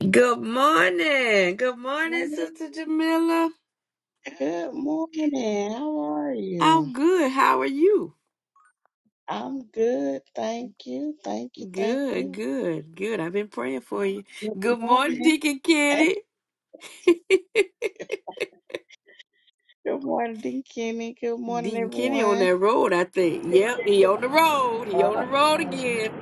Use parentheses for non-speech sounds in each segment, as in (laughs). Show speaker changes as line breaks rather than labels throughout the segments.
Good morning. Good morning,
Morning.
Sister Jamila.
Good morning. How are you?
I'm good. How are you?
I'm good. Thank you. Thank you. Thank
Good,
you.
good, good. I've been praying for you.
Good
Good morning,
morning.
Deacon Kenny.
(laughs) Good morning, Kenny. Good morning,
Deacon Kenny on
everyone.
that road, I think. Yep, he on the road.
Uh,
He on the road again.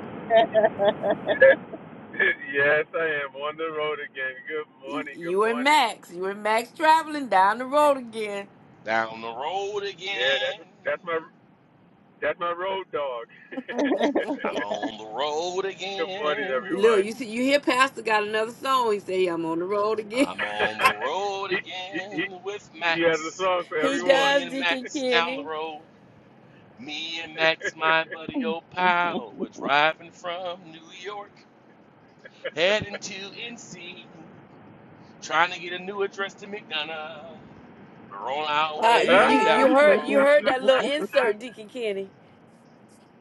(laughs) yes, I am on the road again. Good
Y-
morning. Good
You and
morning.
Max. You and Max traveling down the road again.
Down the road
Yeah,
again.
that's that's my that's my road dog.
I'm on the road
(laughs) good morning,
Look,
everyone.
you
again.
see, you hear Pastor got another song. He say, "I'm on the road again."
I'm on the
(laughs)
road
he, he he
again with
he has a
Max.
song
(laughs)
for
he
It's
everyone.
me
does,
and
Deacon
Max down the
Kenny.
road. Me and Max, my
(laughs)
buddy old
um,
pal. We're driving from New York, heading to NC, trying to get a new address to McDonough. We're on our
Uh,
Ah!
you
way
you
(laughs)
down
you
the
heard you
road.
heard that little
(laughs)
insert, Deacon Kenny.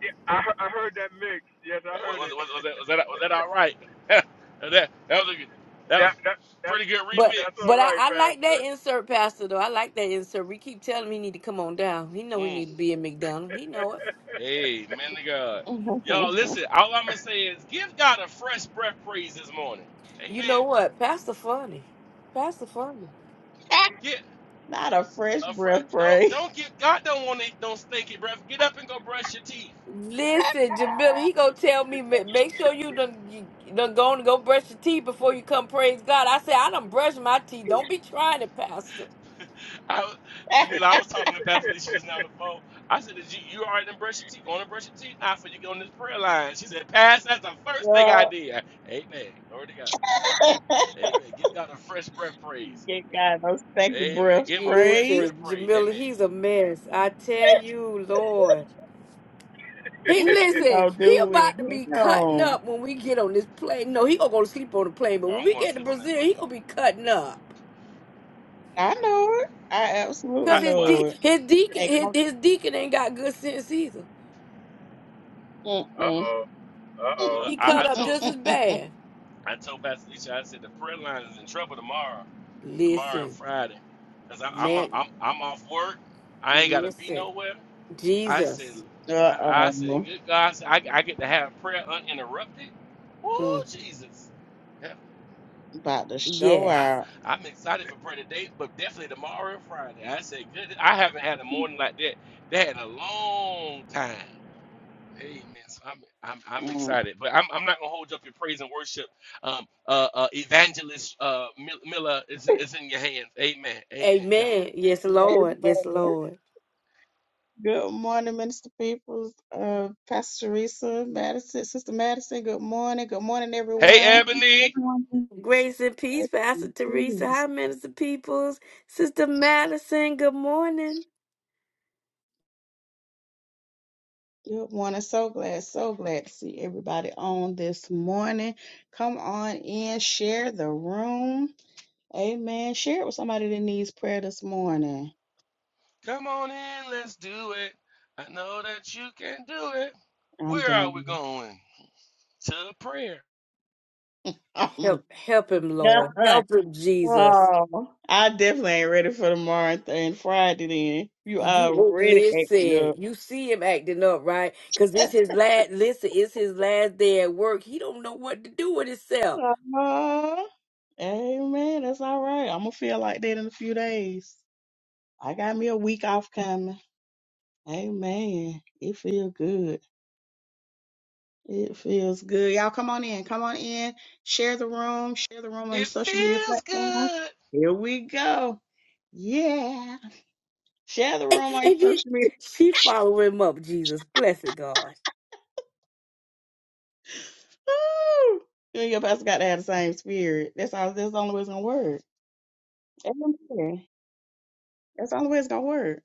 yeah, I he- I heard that mix. Yes, I
Was,
heard it.
was, was, was that was that was that all
(laughs)
right? (laughs) that that was a good- that was
that that that's
pretty good
But
that's
remix.
all
but I,
right,
I like that
Pastor.
insert, Pastor. Though I like that insert. We keep telling him he need to come on down. He know he
Mm.
need to be in McDonald's. He know it.
Hey, man to God. Y'all listen, all I'm gonna say is give God a fresh breath praise this morning.
You
Amen.
know what, Pastor Funny, Pastor Funny.
Get
Not a fresh
a fresh
breath,
don't
praise.
don't get God don't want it don't stinky breath. Get up and go brush your teeth.
Listen, Jamila, he gonna tell me. "Ma- Make sure you done you done gone and go brush your teeth before you come. Praise God. I said I done brushed my teeth. Don't be trying it, Pastor.
I was-
(laughs)
Jamila, I was talking to Pastor Lisa just now on the phone. I said, Did you you already done brush your teeth? Going to brush your teeth now for you go on this prayer line. She said, Pass, that's the first thing I
Girl,
did. Amen. Glory to God.
(laughs)
Amen. Give God a fresh breath praise.
you got no (laughs) second
Amen.
breath,
Give him a fresh
praise.
breath
Listen,
praise.
Jamila,
Amen.
he's a mess. I tell you, Lord. He
What you
listen,
gonna
he
do with
about to
him?
be cutting up when we get on this plane. No, he gonna go to sleep on the plane, but
Oh,
when
I'm
we
going to
get to
sleep on
Brazil, he gonna
that
be cutting up.
plane.
I
Mm-mm.
know it. I absolutely
Cause
I
his
well,
know
de-
it.
his deacon
Hey,
his,
go-
his deacon ain't got good sense either.
(laughs) uh
Mm-mm.
oh. Uh oh.
look,
He
I, I
cut up
told
just as
Mm-mm.
bad.
I told Pastor Alicia, I said the prayer line is in trouble tomorrow, tomorrow and
Listen,
Friday, cause I, am
man,
I'm I'm off work. I ain't gotta be
listen,
nowhere. I said
Jesus,
I, I said
Uh-oh.
good God, I, I I get to have prayer uninterrupted. Oh
Mm,
Jesus.
About to show
yes,
I,
out.
I'm excited for prayer today, but definitely tomorrow and Friday. I said, good. I haven't had a morning like that. They had a long time. Amen. So I'm, I'm, I'm
Mm.
excited, but I'm, I'm not gonna hold up your praise and worship. Um, uh, uh evangelist uh, Mil- Miller is, is in your hands. Amen. Amen. God.
Amen, yes,
(laughs)
Lord, yes,
Amen.
Lord.
Good morning, Minister Peoples. Uh, Pastor Teresa, Madison, Sister Madison, good morning. Good morning,
Praise
Hey,
the
everyone.
Lord,
Ebony,
everyone.
Grace and peace,
Grace
Pastor
and
Teresa.
peace.
Hi, Minister Peoples, Sister Madison. Good morning.
Good morning. So glad, so glad to see everybody on this morning. Come on in, share the room. Amen. Share it with somebody that needs prayer this morning.
come on in. Let's do it. I know that you can do it.
I'm
Where are we
done.
going? To prayer.
(laughs) I'm
Help help him, Lord.
done.
Help him, Jesus.
Oh, I definitely ain't ready for tomorrow and th- and Friday then. You
You oh,
already acting
listen. You see him acting up, right? Cause it's his last listen, it's his last day at work. He don't know what to do with himself.
up. Uh, amen. That's all right. I'm gonna feel like that in a few days. I got me a week off coming. Amen. It feels good. It feels good. Y'all come on in. Come on in. Share the room. Share the room on your
It
social media
feels
platform.
good.
Here we go. Yeah. Share the
And,
room on your
and yet
social media
she follow him up, Jesus. Blessed God.
Woo! You and your pastor got to have the same spirit. That's all. That's the only way it's gonna work. Amen. That's the only way it's gonna work.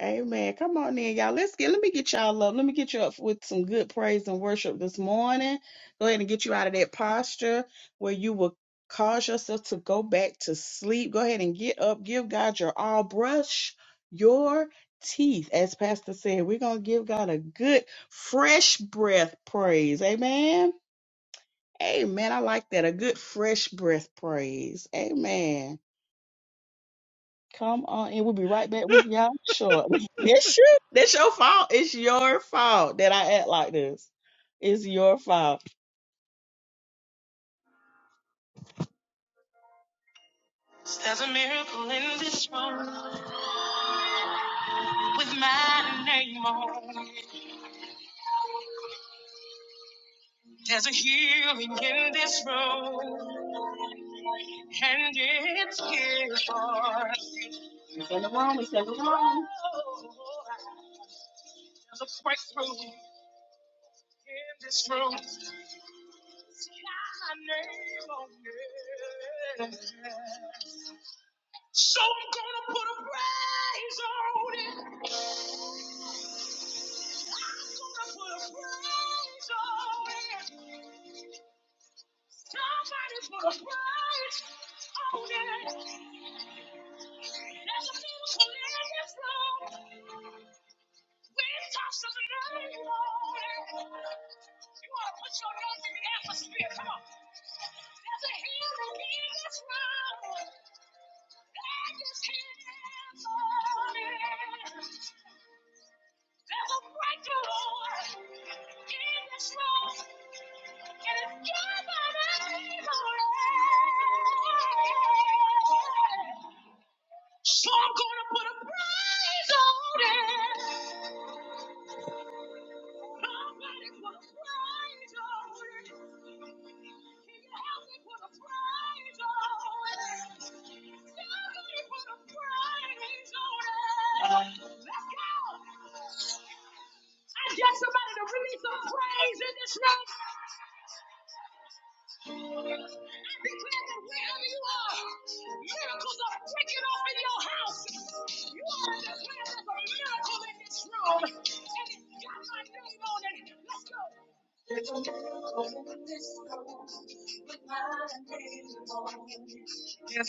Amen. Come on then, y'all. Let's get. Let me get y'all up. Let me get you up with some good praise and worship this morning. Go ahead and get you out of that posture where you will cause yourself to go back to sleep. Go ahead and get up. Give God your all. Brush your teeth, as Pastor said. We're gonna give God a good, fresh breath praise. Amen. Amen. I like that. A good fresh breath praise. Amen. Come on, and we'll be right back with y'all shortly. (laughs) That's true. That's your fault. It's your fault that I act like this. It's your fault. This room with my name on. There's a healing in this room, and it's here for us. There's nothing wrong. There's nothing wrong. There's a breakthrough in this room. There's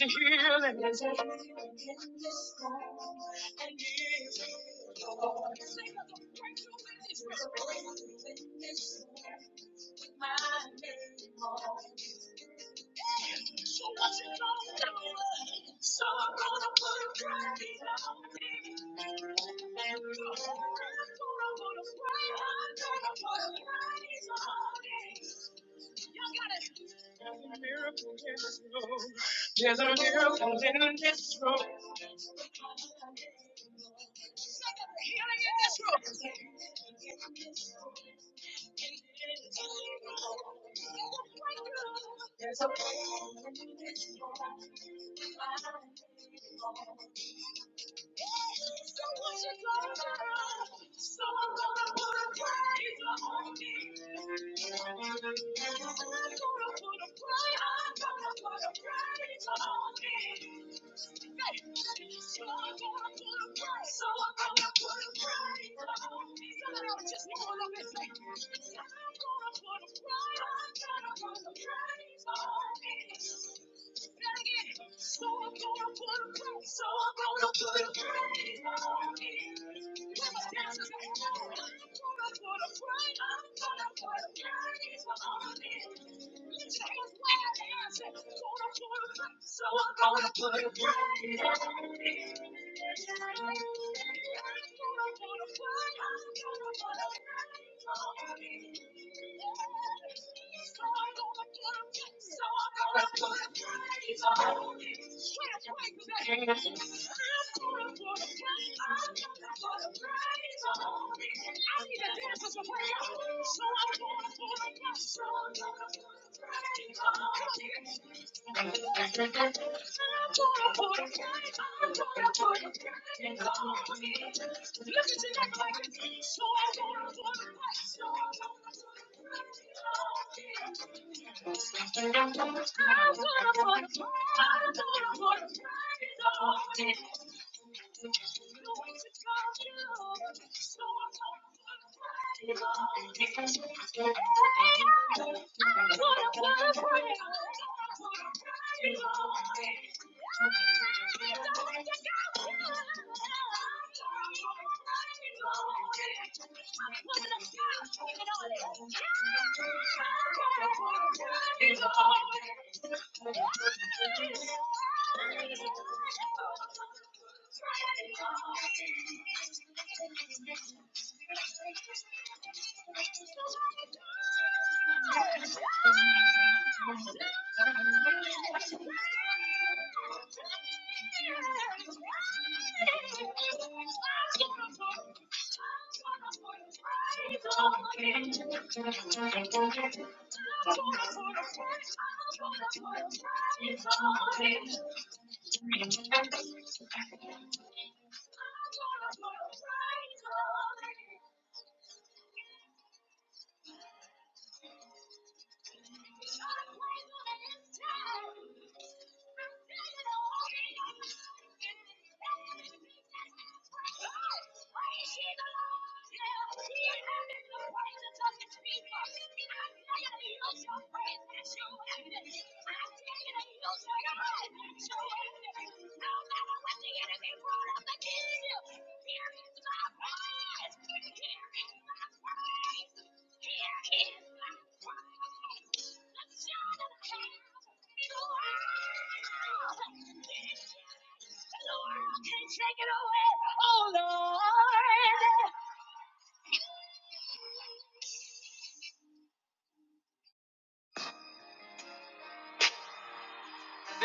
a healing miracle in this room. There's a miracle in this room.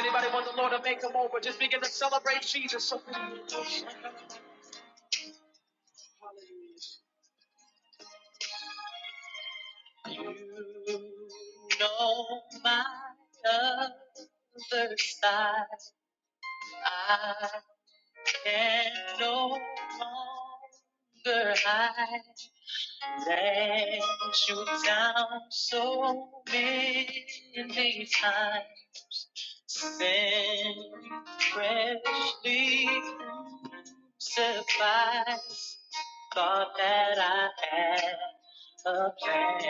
Anybody want the Lord to make them over? Just begin to celebrate Jesus. So You know my other side. I can no longer hide. let you down so many times. Then freshly surprised, thought that I had a plan.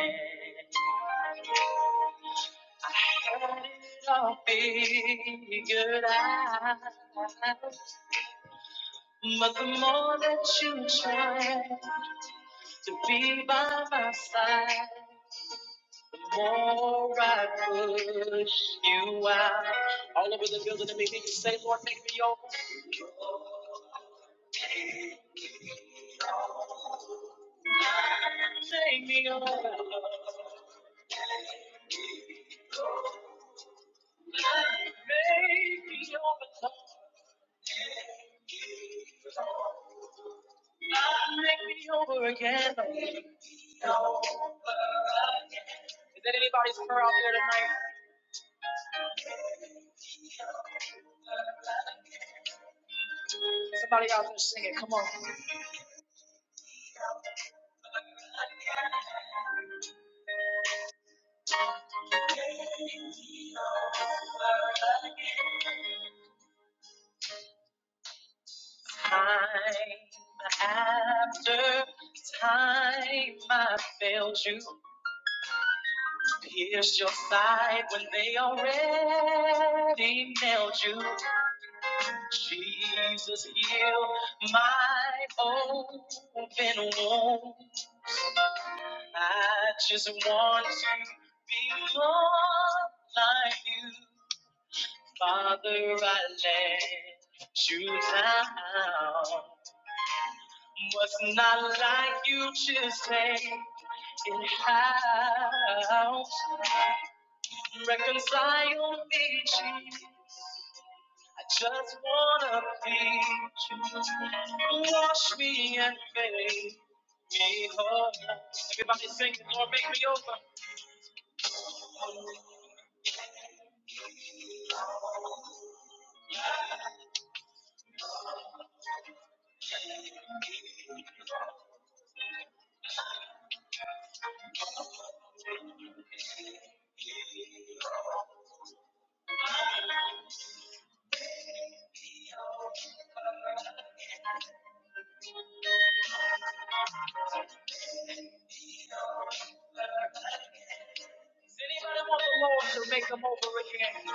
Had it all figured out. But the more that you try to be by my side, More I push you out. All over the building, let me hear you say, Lord, make me over. Make me over. Make me over. Lord, Make me over again. Is that anybody's prayer out there tonight? Somebody out there sing it. Come on. Time after time, I failed you. Pierced your side when they already nailed you. Jesus heal my open wound. I just want to be more like you. Father, I let you down. What's not like you just take it out. Reconcile me, Jesus. I just wanna be you. Wash me and make me whole. Everybody sing, Lord, make me over. Does anybody want the Lord to make them over again?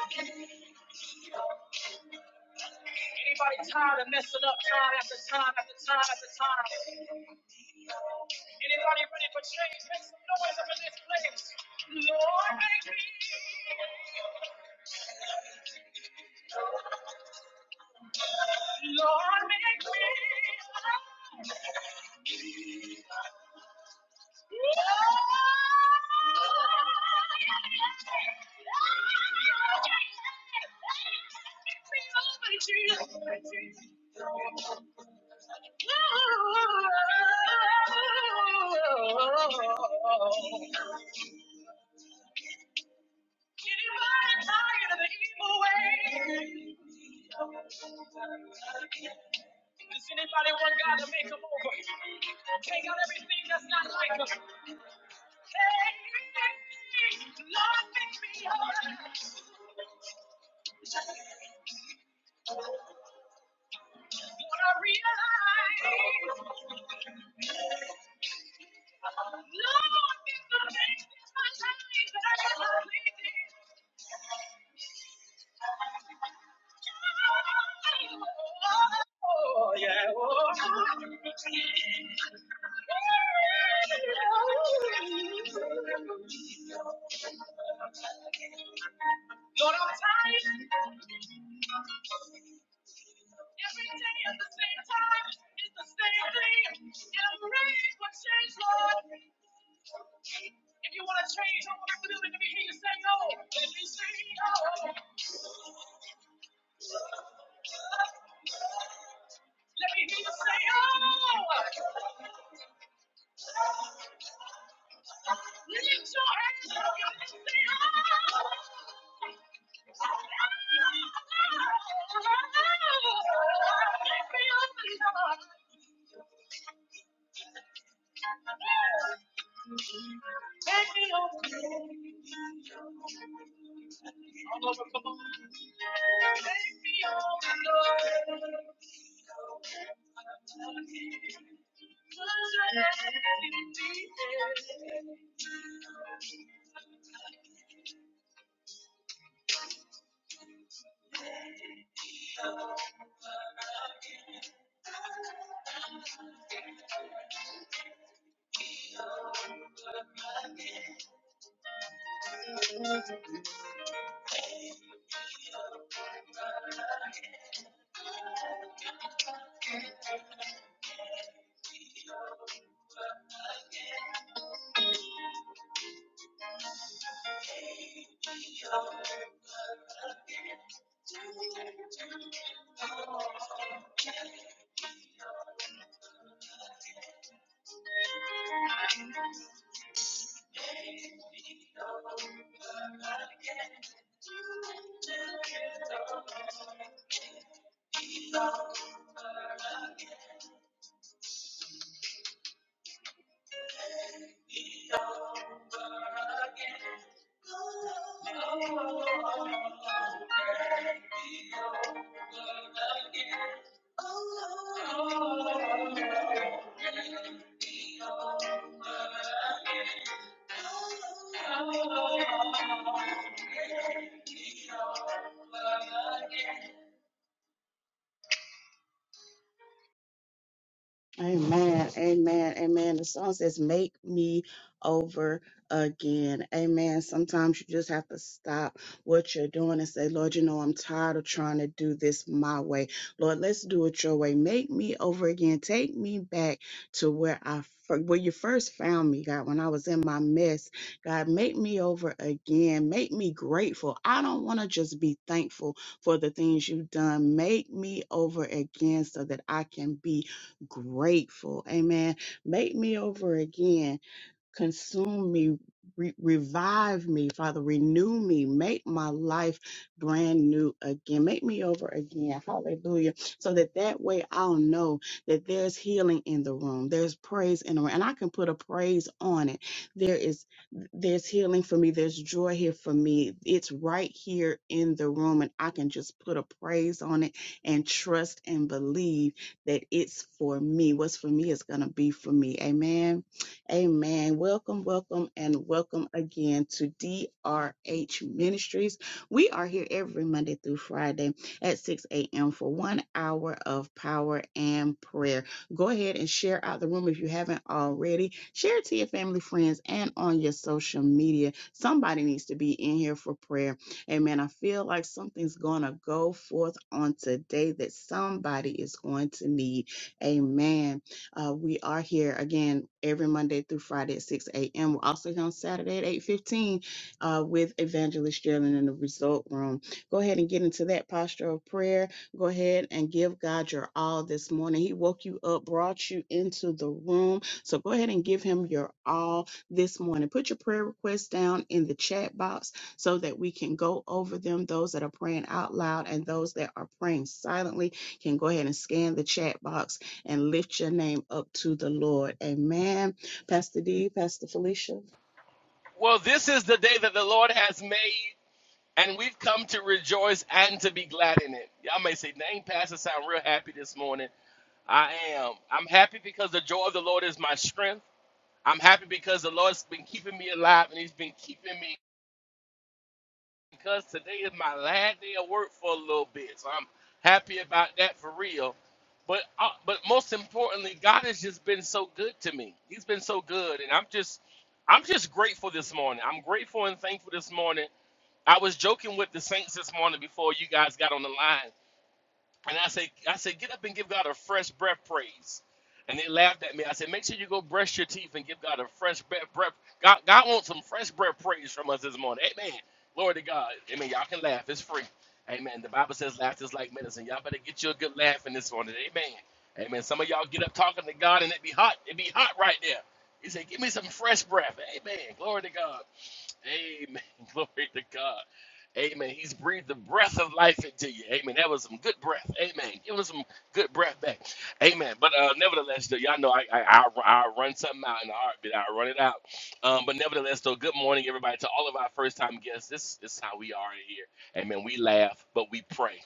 Anybody tired of messing up time after time after time after time? Anybody ready for change? Make some noise up in this place. Lord, make me. Lord, make me. Anybody tired of the evil way? Does anybody want God to make them over? Take out everything that's not like them. Oh, yeah. Oh, all over. Come on. Amen. Amen. Amen. The song says, Make me over again. Amen. Sometimes you just have to stop what you're doing and say, Lord, you know, I'm tired of trying to do this my way. Lord, let's do it your way. Make me over again. Take me back to where I fir- where you first found me, God, when I was in my mess. God, make me over again. Make me grateful. I don't want to just be thankful for the things you've done. Make me over again so that I can be grateful. Amen. Make me over again consume me, re- revive me, Father, renew me, make my life brand new again, make me over again, hallelujah, so that that way I'll know that there's healing in the room, there's praise in the room, and I can put a praise on it. There is, there's healing for me, there's joy here for me, it's right here in the room, and I can just put a praise on it and trust and believe that it's for me. What's for me is going to be for me. Amen. Amen. Welcome, welcome, and welcome again to DRH Ministries. We are here every Monday through Friday at 6 a.m. for one hour of power and prayer. Go ahead and share out the room if you haven't already. Share it to your family, friends, and on your social media. Somebody needs to be in here for prayer. Amen. I feel like something's going to go forth on today that somebody is going to need. Amen. Uh, we are here again every Monday through Friday at 6 a.m. We're also here on Saturday at 8:15 uh, with Evangelist Geraldine in the Result Room. Go ahead and get into that posture of prayer. Go ahead and give God your all this morning. He woke you up, brought you into the room. So go ahead and give Him your all this morning. Put your prayer requests down in the chat box so that we can go over them. Those that are praying out loud and those that are praying silently can go ahead and scan the chat box and lift your name up to the Lord. Amen. Pastor D, Pastor Felicia,
Well, this is the day that the Lord has made, and we've come to rejoice and to be glad in it. Y'all may say, Dang, Pastor, sound real happy this morning. I am. I'm happy because the joy of the Lord is my strength. I'm happy because the Lord's been keeping me alive and He's been keeping me because today is my last day of work for a little bit. So I'm happy about that for real. But uh, but most importantly, God has just been so good to me. He's been so good, and I'm just I'm just grateful this morning. I'm grateful and thankful this morning I was joking with the saints this morning before you guys got on the line, and I said, I said, get up and give God a fresh breath praise. And they laughed at me. I said, make sure you go brush your teeth and give God a fresh breath. breath. God, God wants some fresh breath praise from us this morning. Amen. Glory to God. Amen. Y'all can laugh. It's free. Amen. The Bible says laughter is like medicine. Y'all better get you a good laugh in this morning. Amen. Amen. Some of y'all get up talking to God and it be hot. It be hot right there. He said, give me some fresh breath. Amen. Glory to God. Amen. (laughs) Glory to God. Amen. He's breathed the breath of life into you. Amen. That was some good breath. Amen. Give us some good breath back. Amen. But uh, nevertheless, though, y'all know I, I, I, i run something out in a heartbeat. i run it out. Um, but nevertheless, though, good morning, everybody, to all of our first time guests. This is how we are here. Amen. We laugh, but we pray.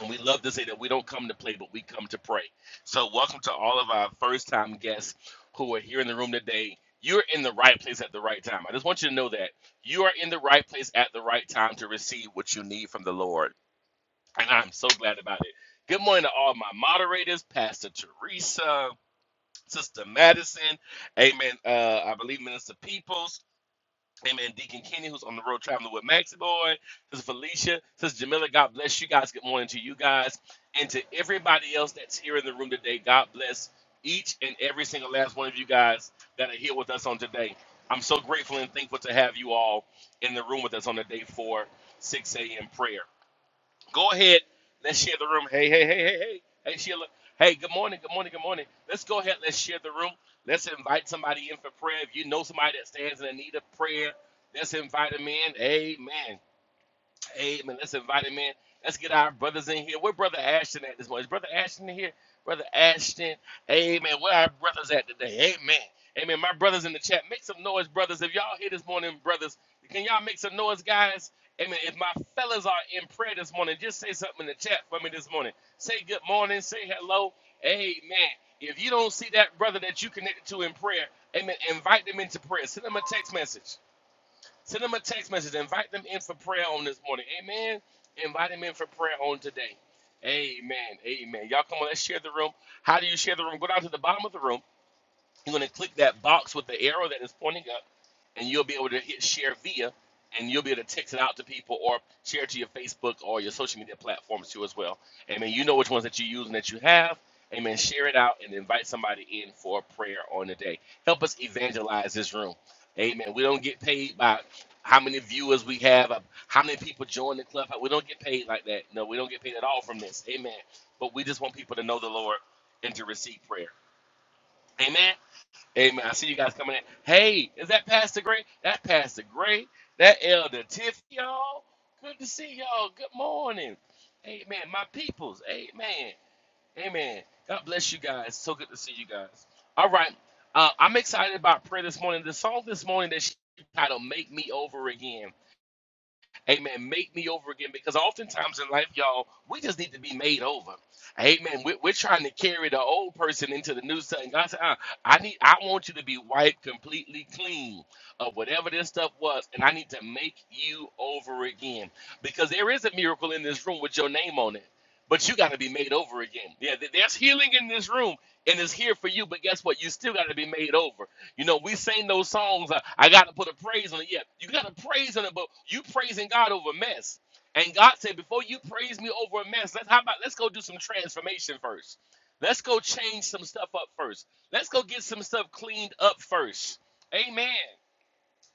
And we love to say that we don't come to play, but we come to pray. So, welcome to all of our first time guests who are here in the room today. You're in the right place at the right time. I just want you to know that you are in the right place at the right time to receive what you need from the Lord. And I'm so glad about it. Good morning to all my moderators, Pastor Teresa, Sister Madison, Amen. Uh, I believe Minister Peoples. Amen. Deacon Kenny, who's on the road traveling with Maxie Boy. Sister Felicia. Sister Jamila, God bless you guys. Good morning to you guys. And to everybody else that's here in the room today, God bless each and every single last one of you guys that are here with us on today. I'm so grateful and thankful to have you all in the room with us on the day for 6 a.m. prayer. Go ahead. Let's share the room. Hey, hey, hey, hey, hey. Hey, Sheila. Hey, good morning, good morning, good morning. Let's go ahead. Let's share the room. Let's invite somebody in for prayer. If you know somebody that stands in the need of prayer, let's invite them in. Amen. Amen. let's invite him in. Let's get our brothers in here. Where Brother Ashton at this morning? Is Brother Ashton in here? Brother Ashton. Amen. Where our brothers at today? Amen. Amen. My brothers in the chat, make some noise, brothers. If y'all here this morning, brothers, can y'all make some noise, guys? Amen. If my fellas are in prayer this morning, just say something in the chat for me this morning. Say good morning. Say hello. Amen. If you don't see that brother that you connected to in prayer, amen, invite them into prayer. Send them a text message. Send them a text message. Invite them in for prayer on this morning. Amen. Invite them in for prayer on today. Amen. Amen. Y'all come on, let's share the room. How do you share the room? Go down to the bottom of the room. You're going to click that box with the arrow that is pointing up, and you'll be able to hit share via, and you'll be able to text it out to people or share it to your Facebook or your social media platforms too as well. Amen. You know which ones that you use and that you have. Amen. Share it out and invite somebody in for prayer on the day. Help us evangelize this room. Amen. We don't get paid by how many viewers we have, uh, how many people join the club. We don't get paid like that. No, we don't get paid at all from this. Amen. But we just want people to know the Lord and to receive prayer. Amen. Amen. I see you guys coming in. Hey, is that Pastor Gray? That Pastor Gray. That Elder Tiff, y'all. Good to see y'all. Good morning. Amen. My peoples. Amen. Amen. God bless you guys. So good to see you guys. All right. Uh, I'm excited about prayer this morning. The song this morning that she titled Make Me Over Again. Amen. Make me over again because oftentimes in life, y'all, we just need to be made over. Amen. We, we're trying to carry the old person into the new thing. God said, "Uh, I need, I want you to be wiped completely clean of whatever this stuff was, and I need to make you over again because there is a miracle in this room with your name on it, but you got to be made over again. Yeah, th- there's healing in this room and it's here for you, but guess what? You still got to be made over. You know, we sing those songs. Uh, I got to put a praise on it. Yeah, you got to praise on it, but you praising God over mess. And God said, before you praise me over a mess, let's how about let's go do some transformation first. Let's go change some stuff up first. Let's go get some stuff cleaned up first. Amen.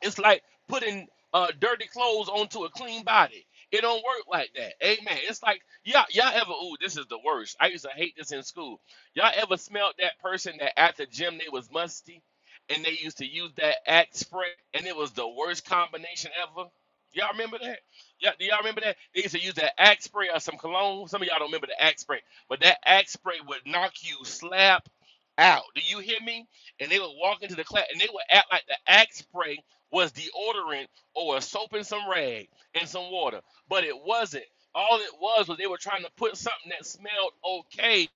It's like putting uh, dirty clothes onto a clean body. It don't work like that. Amen. It's like y'all, y'all ever? Ooh, this is the worst. I used to hate this in school. Y'all ever smelled that person that at the gym they was musty, and they used to use that axe spray, and it was the worst combination ever. Y'all remember that? Yeah, do y'all remember that? They used to use that axe spray or some cologne. Some of y'all don't remember the axe spray, but that axe spray would knock you slap out. Do you hear me? And they would walk into the class, and they would act like the axe spray was deodorant or a soap and some rag and some water, but it wasn't. All it was was they were trying to put something that smelled okay,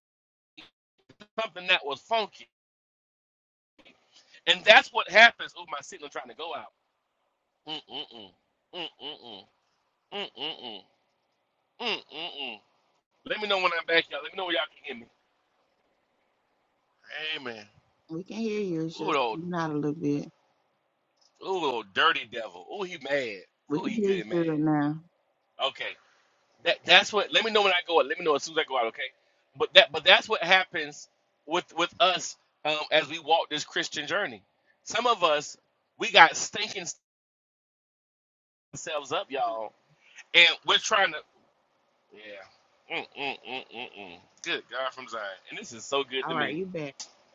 something that was funky, and that's what happens. Oh, my signal trying to go out. Mm mm mm mm mm mm mm mm. mm. Mm, mm, mm. Let me know when I'm back, y'all. Let me know when y'all can hear me. Amen.
we can hear you. It's
Ooh, the
just
old,
not a little bit.
ooh, the old dirty devil. Ooh, he mad.
We
Ooh,
can
he
hear
good
you
and mad.
good now.
Okay. That that's what. Let me know when I go out. Let me know as soon as I go out, okay? But that but that's what happens with with us um, as we walk this Christian journey. Some of us we got stinking ourselves up, y'all, and we're trying to yeah. Mm, mm, mm, mm, mm. Good God from Zion, and this is so good
All
to
right,
me,
you back.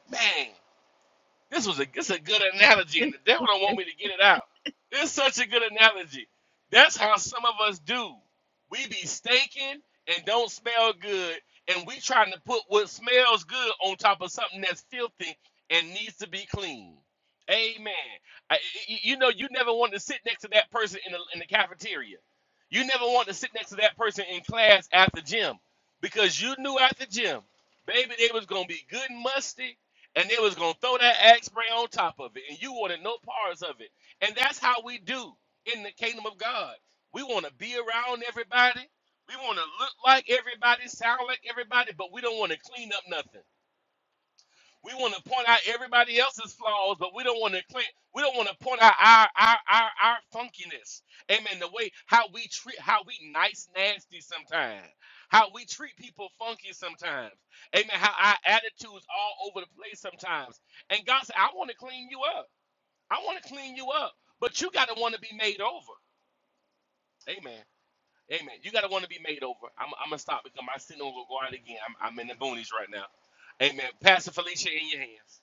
man. This was a this a good
(laughs)
analogy, and the devil don't want me to get it out. It's such a good analogy. That's how some of us do. We be stinking and don't smell good, and we trying to put what smells good on top of something that's filthy and needs to be clean. Amen. I, y- y- you know, you never want to sit next to that person in the, in the cafeteria. You never want to sit next to that person in class after gym because you knew after gym, baby, they was gonna be good and musty and they was gonna throw that axe spray on top of it, and you wanted no parts of it. And that's how we do in the kingdom of God. We want to be around everybody. We want to look like everybody, sound like everybody, but we don't want to clean up nothing. We want to point out everybody else's flaws, but we don't want to claim, we don't want to point out our our our, our funkiness. Amen. The way how we treat how we nice nasty sometimes. How we treat people funky sometimes. Amen. How our attitudes all over the place sometimes. And God said, I want to clean you up. I want to clean you up. But you gotta want to be made over. Amen. Amen. You gotta want to be made over. I'm, I'm gonna stop because my signal will go out again. I'm, I'm in the boonies right now. Amen. Pastor Felicia in your hands.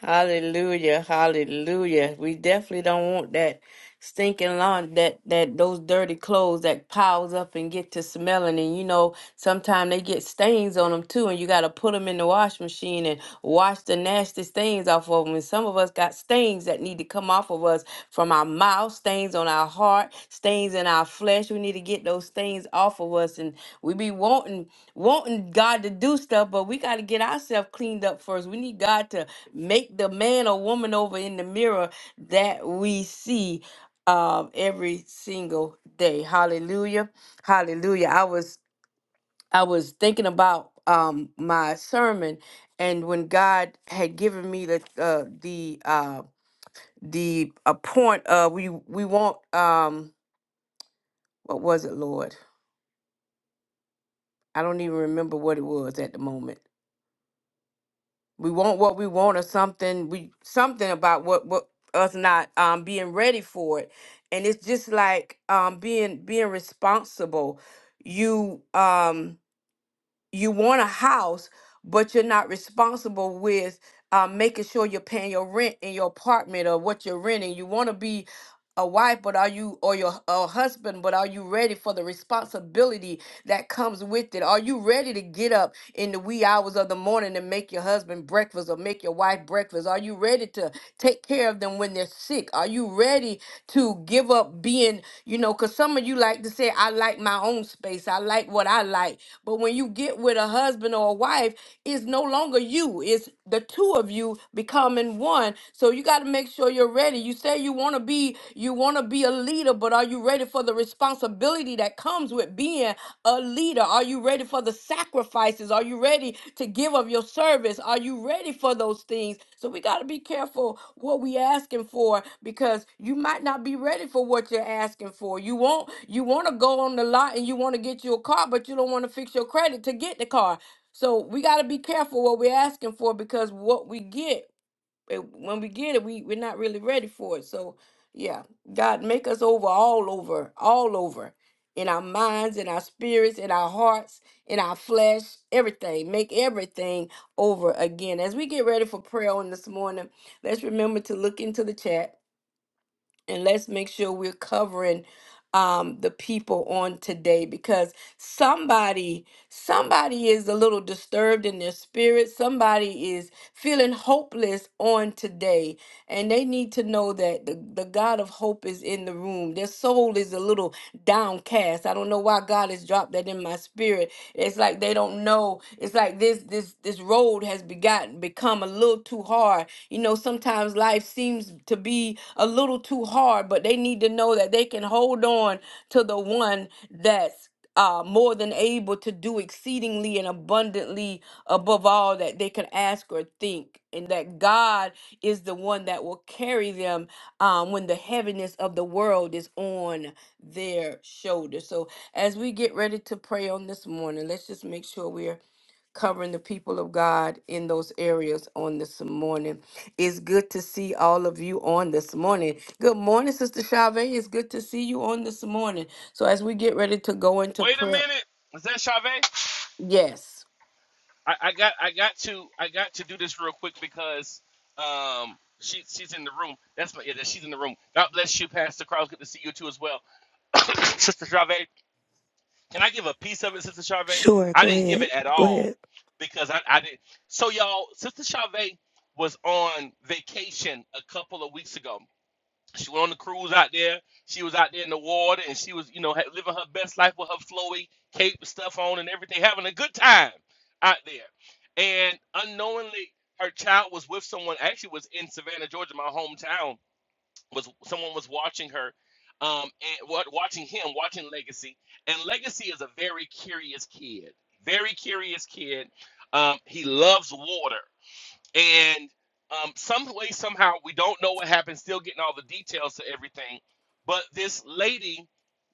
Hallelujah. Hallelujah. We definitely don't want that. stinking lawn that that those dirty clothes that piles up and get to smelling and you know sometimes they get stains on them too and you got to put them in the wash machine and wash the nasty stains off of them and some of us got stains that need to come off of us from our mouth stains on our heart stains in our flesh we need to get those stains off of us and we be wanting wanting God to do stuff but we got to get ourselves cleaned up first we need God to make the man or woman over in the mirror that we see um, every single day. Hallelujah. Hallelujah. I was I was thinking about um, my sermon and when God had given me the uh, the uh, the a point uh we we want um what was it, Lord? I don't even remember what it was at the moment. We want what we want or something. We something about what what us not um being ready for it. And it's just like um being being responsible. You um you want a house, but you're not responsible with uh, making sure you're paying your rent in your apartment or what you're renting. You want to be a wife, but are you or your a husband, but are you ready for the responsibility that comes with it? Are you ready to get up? in the wee hours of the morning and make your husband breakfast or make your wife breakfast? Are you ready to take care of them when they're sick? Are you ready to give up being, you know, because some of you like to say, I like my own space, I like what I like. But when you get with a husband or a wife, it's no longer you. It's the two of you becoming one. So you got to make sure you're ready. You say you want to be you want to be a leader, but are you ready for the responsibility that comes with being a leader? Are you ready for the sacrifices? Are you ready to give of your service? Are you ready for those things? So we got to be careful what we asking for because you might not be ready for what you're asking for. You want you want to go on the lot and you want to get you a car, but you don't want to fix your credit to get the car. So we got to be careful what we're asking for because what we get eh, when we get it, we we're not really ready for it. So yeah, God make us over all over, all over in our minds, in our spirits, in our hearts, in our flesh, everything. Make everything over again. As we get ready for prayer on this morning, let's remember to look into the chat and let's make sure we're covering um the people on today because somebody somebody is a little disturbed in their spirit somebody is feeling hopeless on today and they need to know that the, the god of hope is in the room their soul is a little downcast i don't know why god has dropped that in my spirit it's like they don't know it's like this this this road has begotten become a little too hard you know, sometimes life seems to be a little too hard, but they need to know that they can hold on to the one that's uh, more than able to do exceedingly and abundantly above all that they can ask or think, and that God is the one that will carry them um, when the heaviness of the world is on their shoulders. So, as we get ready to pray on this morning, let's just make sure we're covering the people of God in those areas on this morning. It's good to see all of you on this morning. Good morning, Sister Chavez. It's good to see you on this morning. So as we get ready to go into
Wait a
prayer,
minute. Is that Chavez?
yes.
I, I got I got to I got to do this real quick because um she she's in the room. That's my yeah, that- she's in the room. God bless you, Pastor Carl. Good to see you too as well. (coughs) Sister Chavez. Can I give a piece of it, Sister Chavez?
Sure,
I
go
didn't give it
ahead.
at
Go
all
ahead.
because I, I didn't so y'all, Sister Chavez was on vacation a couple of weeks ago. She went on the cruise out there. She was out there in the water, and she was, you know, ha- living her best life with her flowy cape and stuff on and everything, having a good time out there. And unknowingly, her child was with someone. Actually, was in Savannah, Georgia, my hometown. Was someone was watching her, um, and wa- watching him, watching Legacy. And Legacy is a very curious kid. Very curious kid. Um, he loves water and um, some way somehow we don't know what happened still getting all the details to everything but this lady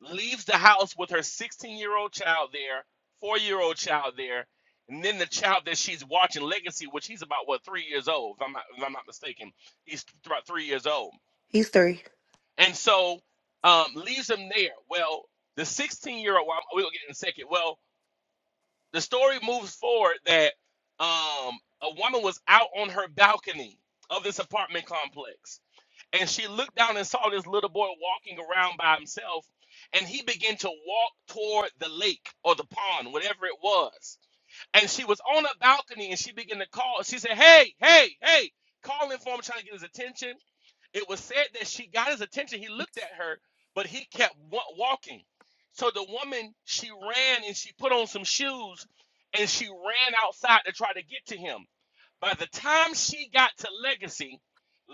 leaves the house with her 16 year old child there four year old child there and then the child that she's watching legacy which he's about what three years old if i'm not, if I'm not mistaken he's about three years old
He's three.
and so um, leaves him there well the 16 year old well, we'll get in a second well the story moves forward that um, a woman was out on her balcony of this apartment complex and she looked down and saw this little boy walking around by himself and he began to walk toward the lake or the pond whatever it was and she was on a balcony and she began to call she said hey hey hey calling for him trying to get his attention it was said that she got his attention. He looked at her, but he kept wa- walking. So the woman, she ran and she put on some shoes and she ran outside to try to get to him. By the time she got to Legacy,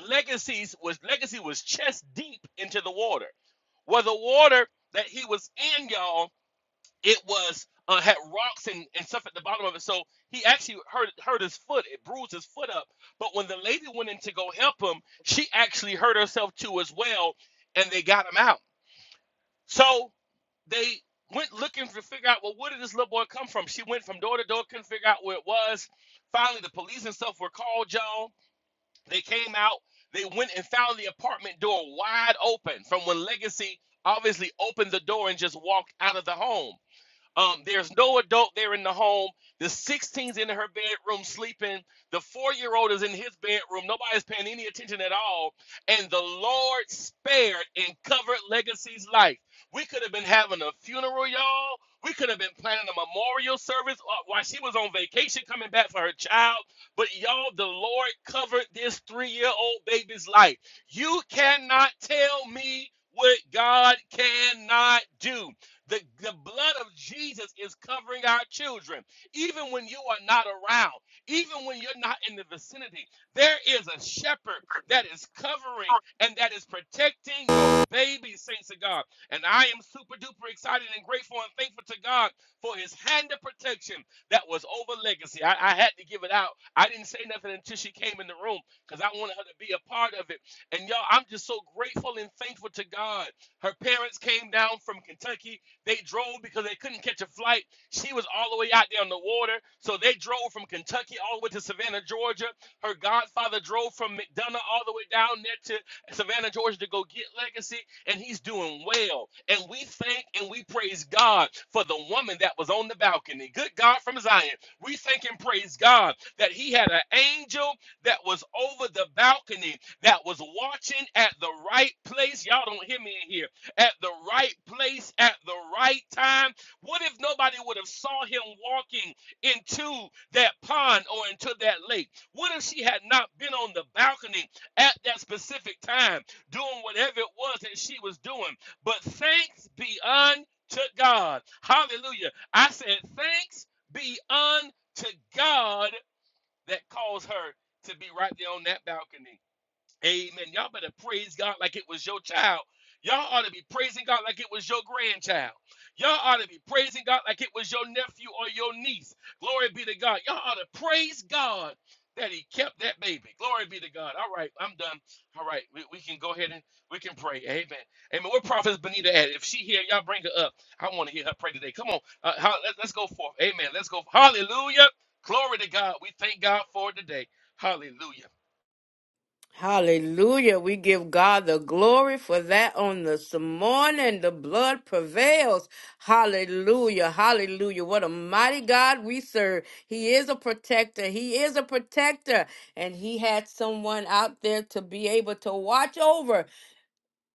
Legacy's was Legacy was chest deep into the water. Well, the water that he was in, y'all, it was uh, had rocks and, and stuff at the bottom of it. So he actually hurt hurt his foot. It bruised his foot up. But when the lady went in to go help him, she actually hurt herself too as well, and they got him out. So they went looking to figure out well where did this little boy come from? She went from door to door, couldn't figure out where it was. Finally, the police and stuff were called, y'all. They came out. They went and found the apartment door wide open from when Legacy obviously opened the door and just walked out of the home um, there's no adult there in the home. The 16's in her bedroom sleeping. The four year old is in his bedroom. Nobody's paying any attention at all. And the Lord spared and covered Legacy's life. We could have been having a funeral, y'all. We could have been planning a memorial service uh, while she was on vacation coming back for her child. But y'all, the Lord covered this three year old baby's life. You cannot tell me what God cannot do. The, the blood of Jesus is covering our children. Even when you are not around, even when you're not in the vicinity, there is a shepherd that is covering and that is protecting your baby, saints of God. And I am super duper excited and grateful and thankful to God for his hand of protection that was over legacy. I, I had to give it out. I didn't say nothing until she came in the room because I wanted her to be a part of it. And y'all, I'm just so grateful and thankful to God. Her parents came down from Kentucky they drove because they couldn't catch a flight. She was all the way out there on the water. So they drove from Kentucky all the way to Savannah, Georgia. Her godfather drove from McDonough all the way down there to Savannah, Georgia to go get Legacy. And he's doing well. And we thank and we praise God for the woman that was on the balcony. Good God from Zion. We thank and praise God that he had an angel that was over the balcony that was watching at the right place. Y'all don't hear me in here at the right place at the right time? What if nobody would have saw him walking into that pond or into that lake? What if she had not been on the balcony at that specific time doing whatever it was that she was doing? But thanks be unto God. Hallelujah. I said, thanks be unto God that caused her to be right there on that balcony. Amen. Y'all better praise God like it was your child. Y'all ought to be praising God like it was your grandchild. Y'all ought to be praising God like it was your nephew or your niece. Glory be to God. Y'all ought to praise God that He kept that baby. Glory be to God. All right, I'm done. All right, we, we can go ahead and we can pray. Amen. Amen. Where Prophet Benita at? If she here, y'all bring her up. I want to hear her pray today. Come on. Uh, how, let, let's go forth. Amen. Let's go. Hallelujah. Glory to God. We thank God for today. Hallelujah.
Hallelujah. We give God the glory for that on this morning. The blood prevails. Hallelujah. Hallelujah. What a mighty God we serve. He is a protector. He is a protector. And he had someone out there to be able to watch over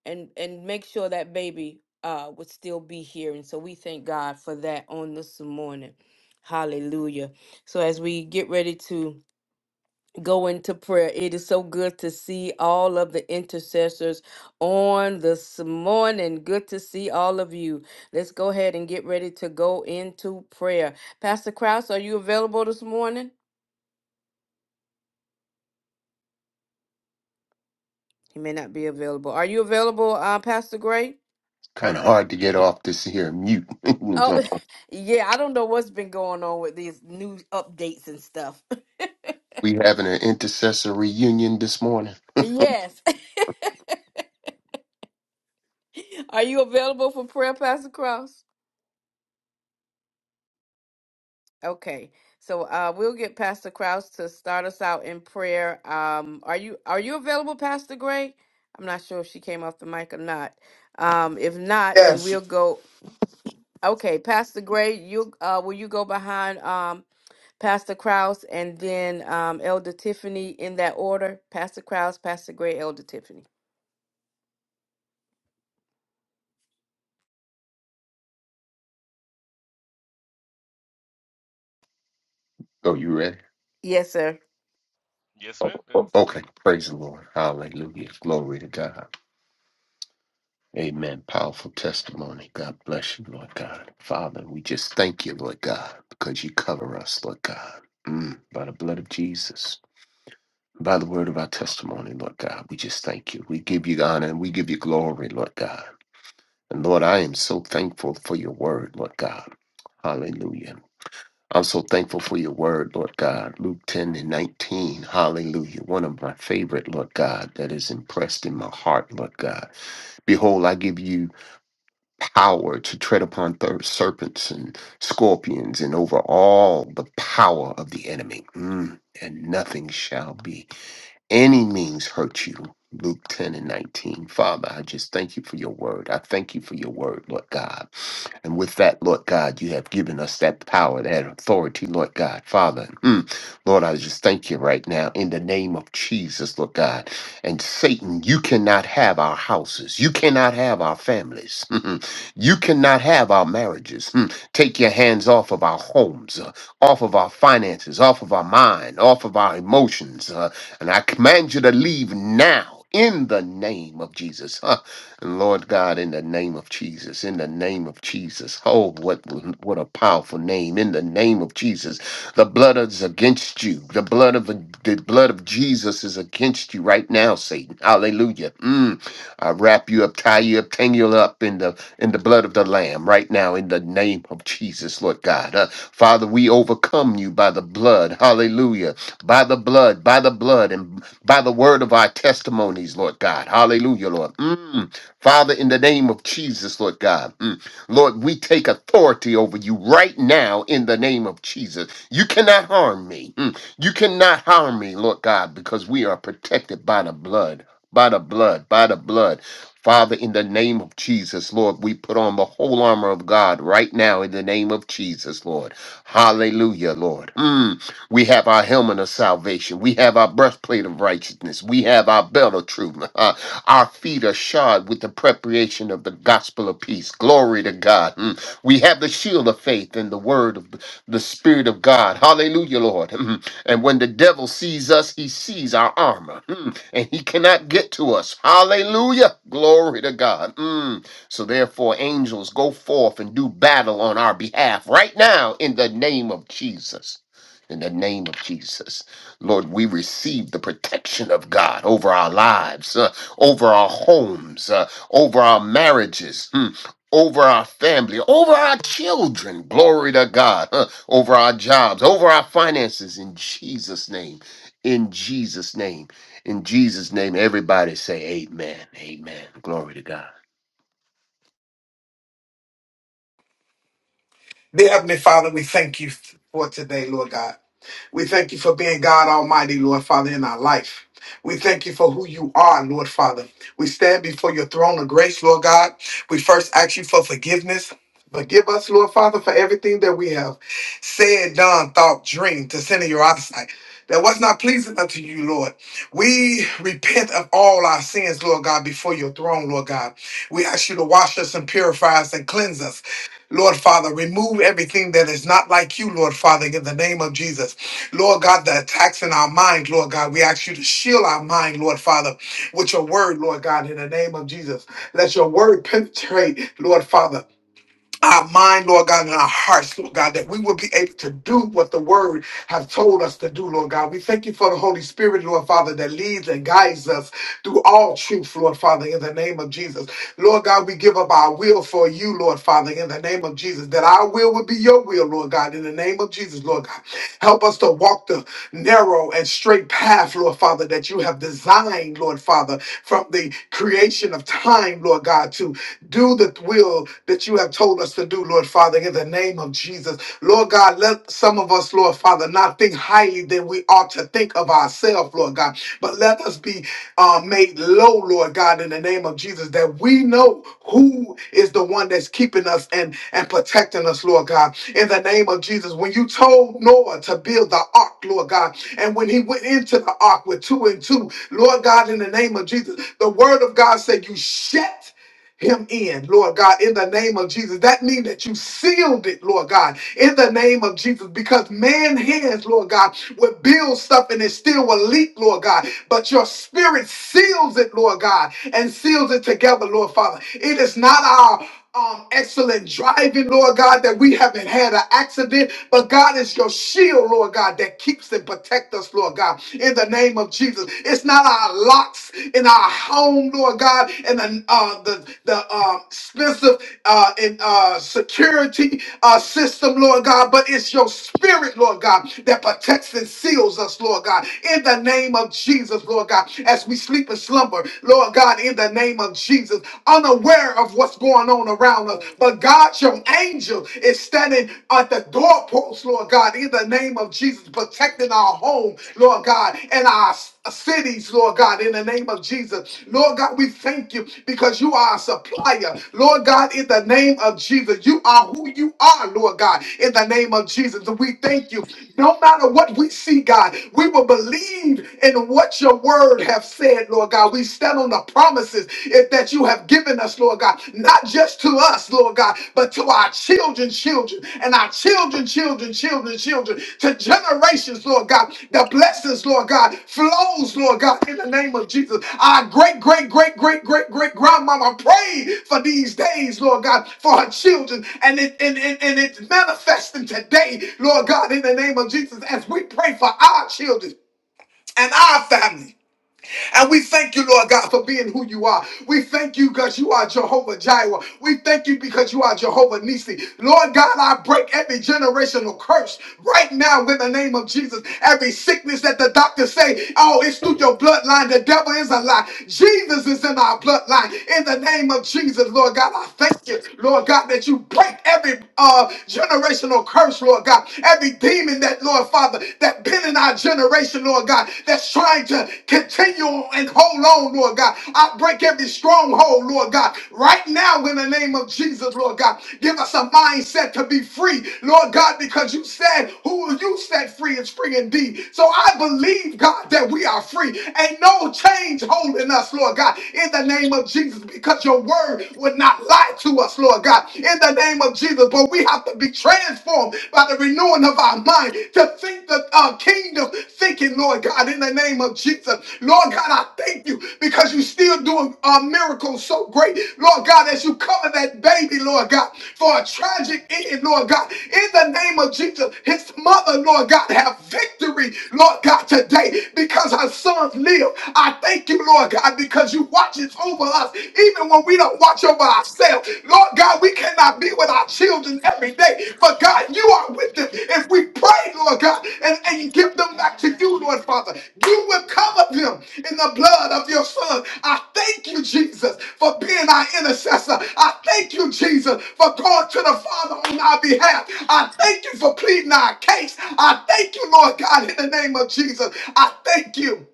and, and make sure that baby uh, would still be here. And so we thank God for that on this morning. Hallelujah. So as we get ready to go into prayer. It is so good to see all of the intercessors on this morning. Good to see all of you. Let's go ahead and get ready to go into prayer. Pastor Krause, are you available this morning? He may not be available. Are you available, uh, Pastor Gray?
Kind of hard to get off this here mute. (laughs) You know what I'm
Oh,
talking about?
(laughs) yeah. I don't know what's been going on with these new updates and stuff. (laughs)
we having an intercessory union this morning.
Yes. (laughs) are you available for prayer, Pastor Krause? Okay, so uh, we'll get Pastor Kraus to start us out in prayer. Um, are you are you available, Pastor Gray? I'm not sure if she came off the mic or not. Um, if not, then
Yes.
we'll go. Okay, Pastor Gray, you uh, will you go behind um, Pastor Kraus and then um, Elder Tiffany in that order? Pastor Kraus, Pastor Gray, Elder Tiffany.
Oh, you ready?
Yes, sir.
Yes,
Oh,
ma'am.
oh, Okay, praise the Lord. Hallelujah. Glory to God. Amen. Powerful testimony. God bless you, Lord God. Father, we just thank you, Lord God, because you cover us, Lord God, Mm, by the blood of Jesus. By the word of our testimony, Lord God, we just thank you. We give you honor and we give you glory, Lord God. And Lord, I am so thankful for your word, Lord God. Hallelujah. I'm so thankful for your word, Lord God. Luke 10 and 19. Hallelujah. One of my favorite, Lord God, that is impressed in my heart, Lord God. Behold, I give you power to tread upon thir- serpents and scorpions and over all the power of the enemy. Mm, and nothing shall be any means hurt you. Luke 10 and 19. Father, I just thank you for your word. I thank you for your word, Lord God. And with that, Lord God, you have given us that power, that authority, Lord God. Father, mm, Lord, I just thank you right now in the name of Jesus, Lord God. And Satan, you cannot have our houses. You cannot have our families. (laughs) you cannot have our marriages. Mm. Take your hands off of our homes, uh, off of our finances, off of our mind, off of our emotions. uh, and I command you to leave now. In the name of Jesus. (laughs) Lord God, in the name of Jesus, in the name of Jesus. Oh, what what a powerful name! In the name of Jesus, the blood is against you. The blood of the blood of Jesus is against you right now, Satan. Hallelujah. Mm. I wrap you up, tie you up, tangle you up in the in the blood of the Lamb right now, in the name of Jesus, Lord God. Uh, Father, we overcome you by the blood. Hallelujah. By the blood, by the blood, and by the word of our testimonies, Lord God. Hallelujah, Lord. Mm. Father, in the name of Jesus, Lord God, mm, Lord, we take authority over you right now in the name of Jesus. You cannot harm me. Mm, You cannot harm me, Lord God, because we are protected by the blood, by the blood, by the blood. Father, in the name of Jesus, Lord, we put on the whole armor of God right now in the name of Jesus, Lord. Hallelujah, Lord. Mm. We have our helmet of salvation. We have our breastplate of righteousness. We have our belt of truth. (laughs) Uh, our feet are shod with the preparation of the gospel of peace. Glory to God. Mm. We have the shield of faith and the word of the Spirit of God. Hallelujah, Lord. (laughs) Mm. And when the devil sees us, he sees our armor Mm. and he cannot get to us. Hallelujah. Glory to God. Mm. So therefore, angels, go forth and do battle on our behalf right now in the name of Jesus in the name of Jesus. Lord, we receive the protection of God over our lives, uh, over our homes, uh, over our marriages. mm, Over our family, over our children, glory to God, huh, over our jobs, over our finances, in Jesus' name, in Jesus' name, in Jesus' name. Everybody say, Amen, Amen, glory to God.
Dear Heavenly Father, we thank you for today, Lord God. We thank you for being God Almighty, Lord Father, in our life. We thank you for who you are, Lord Father. We stand before your throne of grace, Lord God. We first ask you for forgiveness. Forgive us, Lord Father, for everything that we have said, done, thought, dreamed to sin in your eyesight. That was not pleasing unto you, Lord. We repent of all our sins, Lord God, before your throne, Lord God. We ask you to wash us and purify us and cleanse us. Lord Father, remove everything that is not like you, Lord Father, in the name of Jesus. Lord God, the attacks in our mind, Lord God, we ask you to shield our mind, Lord Father, with your word, Lord God, in the name of Jesus. Let your word penetrate, Lord Father our mind, Lord God, and our hearts, Lord God, that we will be able to do what the word has told us to do, Lord God. We thank you for the Holy Spirit, Lord Father, that leads and guides us through all truth, Lord Father, in the name of Jesus. Lord God, we give up our will for you, Lord Father, in the name of Jesus, that our will would be your will, Lord God, in the name of Jesus, Lord God. Help us to walk the narrow and straight path, Lord Father, that you have designed, Lord Father, from the creation of time, Lord God, to do the will that you have told us to do, Lord Father, in the name of Jesus. Lord God, let some of us, Lord Father, not think highly than we ought to think of ourselves, Lord God, but let us be uh, made low, Lord God, in the name of Jesus, that we know who is the one that's keeping us and, and protecting us, Lord God. In the name of Jesus, when you told Noah to build the ark, Lord God, and when he went into the ark with two and two, Lord God, in the name of Jesus, the word of God said, You shut him in, Lord God, in the name of Jesus. That means that you sealed it, Lord God, in the name of Jesus, because man hands, Lord God, will build stuff and it still will leak, Lord God. But your spirit seals it, Lord God, and seals it together, Lord Father. It is not our um, excellent driving, Lord God, that we haven't had an accident. But God is your shield, Lord God, that keeps and protect us, Lord God, in the name of Jesus. It's not our locks in our home, Lord God, and the uh, the the um, expensive uh, in uh, security uh, system, Lord God, but it's your spirit, Lord God, that protects and seals us, Lord God, in the name of Jesus, Lord God, as we sleep and slumber, Lord God, in the name of of Jesus, unaware of what's going on around us. But God, your angel is standing at the doorpost, Lord God, in the name of Jesus, protecting our home, Lord God, and our cities, Lord God, in the name of Jesus. Lord God, we thank you because you are a supplier. Lord God, in the name of Jesus, you are who you are, Lord God, in the name of Jesus. And we thank you. No matter what we see, God, we will believe in what your word has said, Lord God. We stand on the promises it- that you have given us, Lord God, not just to us, Lord God, but to our children, children, and our children, children, children, children, to generations, Lord God. The blessings, Lord God, flows, Lord God, in the name of Jesus. Our great, great, great, great, great, great grandmama prayed for these days, Lord God, for her children, and it and, and, and it's manifesting today, Lord God, in the name of Jesus, as we pray for our children and our family. And we thank you, Lord God, for being who you are. We thank you because you are Jehovah Jireh. We thank you because you are Jehovah Nissi. Lord God, I break every generational curse right now in the name of Jesus. Every sickness that the doctors say, oh, it's through your bloodline. The devil is a lie. Jesus is in our bloodline. In the name of Jesus, Lord God, I thank you, Lord God, that you break every uh, generational curse, Lord God. Every demon that, Lord Father, Father, that been in our generation, Lord God, that's trying to continue and hold on, Lord God. I break every stronghold, Lord God, right now in the name of Jesus, Lord God. Give us a mindset to be free, Lord God, because you said, who you set free is free indeed. So I believe, God, that we are free. Ain't no change holding us, Lord God, in the name of Jesus, because your word would not lie to us, Lord God, in the name of Jesus. Jesus, but we have to be transformed by the renewing of our mind to think the uh, kingdom thinking, Lord God, in the name of Jesus. Lord God, I thank you because you're still doing uh, miracles so great. Lord God, as you cover that baby, Lord God, for a tragic end, Lord God, in the name of Jesus, his mother, Lord God, have victory, Lord God, today because our sons live. I thank you, Lord God, because you watches over us even when we don't watch over ourselves. Lord God, we cannot be with our children every day, but God, you are with them. If we pray, Lord God, and, and give them back to you, Lord Father, you will cover them in the blood of your Son. I thank you, Jesus, for being our intercessor. I thank you, Jesus, for going to the Father on our behalf. I thank you for pleading our case. I thank you, Lord God, in the name of Jesus. I thank you.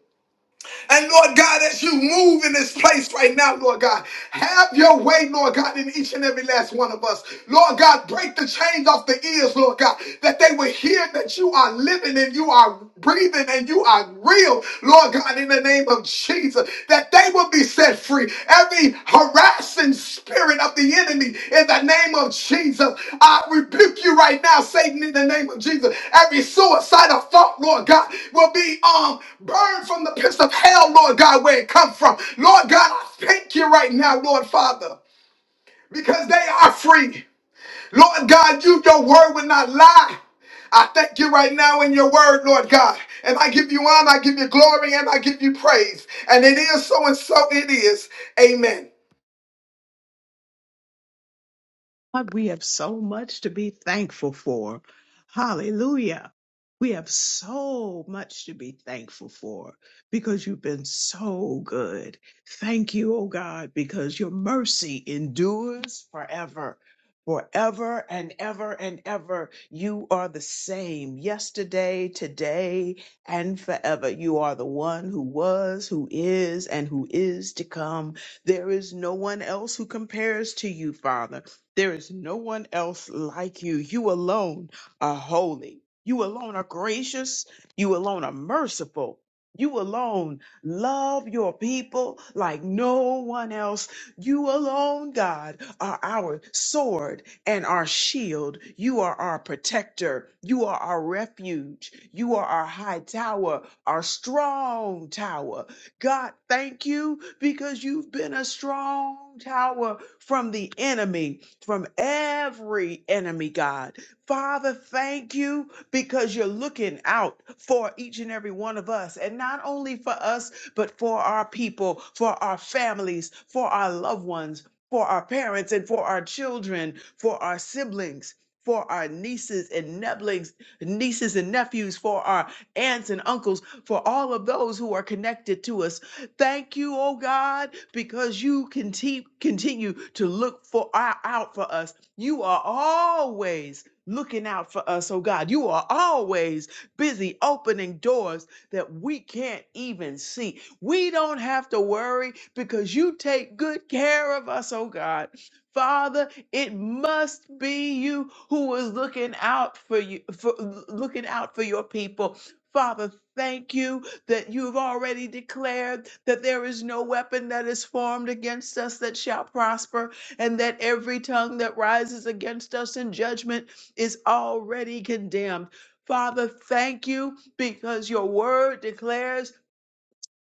And Lord God, as you move in this place right now, Lord God, have your way, Lord God, in each and every last one of us. Lord God, break the chains off the ears, Lord God, that they will hear that you are living and you are breathing and you are real, Lord God, in the name of Jesus, that they will be set free every harassing spirit of the enemy in the name of Jesus. I rebuke you right now, Satan, in the name of Jesus. Every suicidal thought, Lord God, will be um burned from the pits of hell, Lord God, where it come from. Lord God, I thank you right now, Lord Father, because they are free. Lord God, you, your word would not lie. I thank you right now in your word, Lord God. And I give you honor, I give you glory, and I give you praise. And it is so and so it is. Amen.
God, we have so much to be thankful for. Hallelujah. We have so much to be thankful for because you've been so good. Thank you, oh God, because your mercy endures forever. Forever and ever and ever, you are the same yesterday, today, and forever. You are the one who was, who is, and who is to come. There is no one else who compares to you, Father. There is no one else like you. You alone are holy. You alone are gracious. You alone are merciful. You alone love your people like no one else. You alone, God, are our sword and our shield. You are our protector. You are our refuge. You are our high tower, our strong tower. God, thank you because you've been a strong tower from the enemy, from every enemy, God. Father, thank you because you're looking out for each and every one of us, and not only for us, but for our people, for our families, for our loved ones, for our parents, and for our children, for our siblings. For our nieces and neblings, nieces and nephews, for our aunts and uncles, for all of those who are connected to us. Thank you, oh God, because you can te- continue to look for out for us. You are always looking out for us, oh God. You are always busy opening doors that we can't even see. We don't have to worry because you take good care of us, oh God. Father, it must be you who is looking out for you for looking out for your people Father, thank you that you have already declared that there is no weapon that is formed against us that shall prosper, and that every tongue that rises against us in judgment is already condemned. Father, thank you because your word declares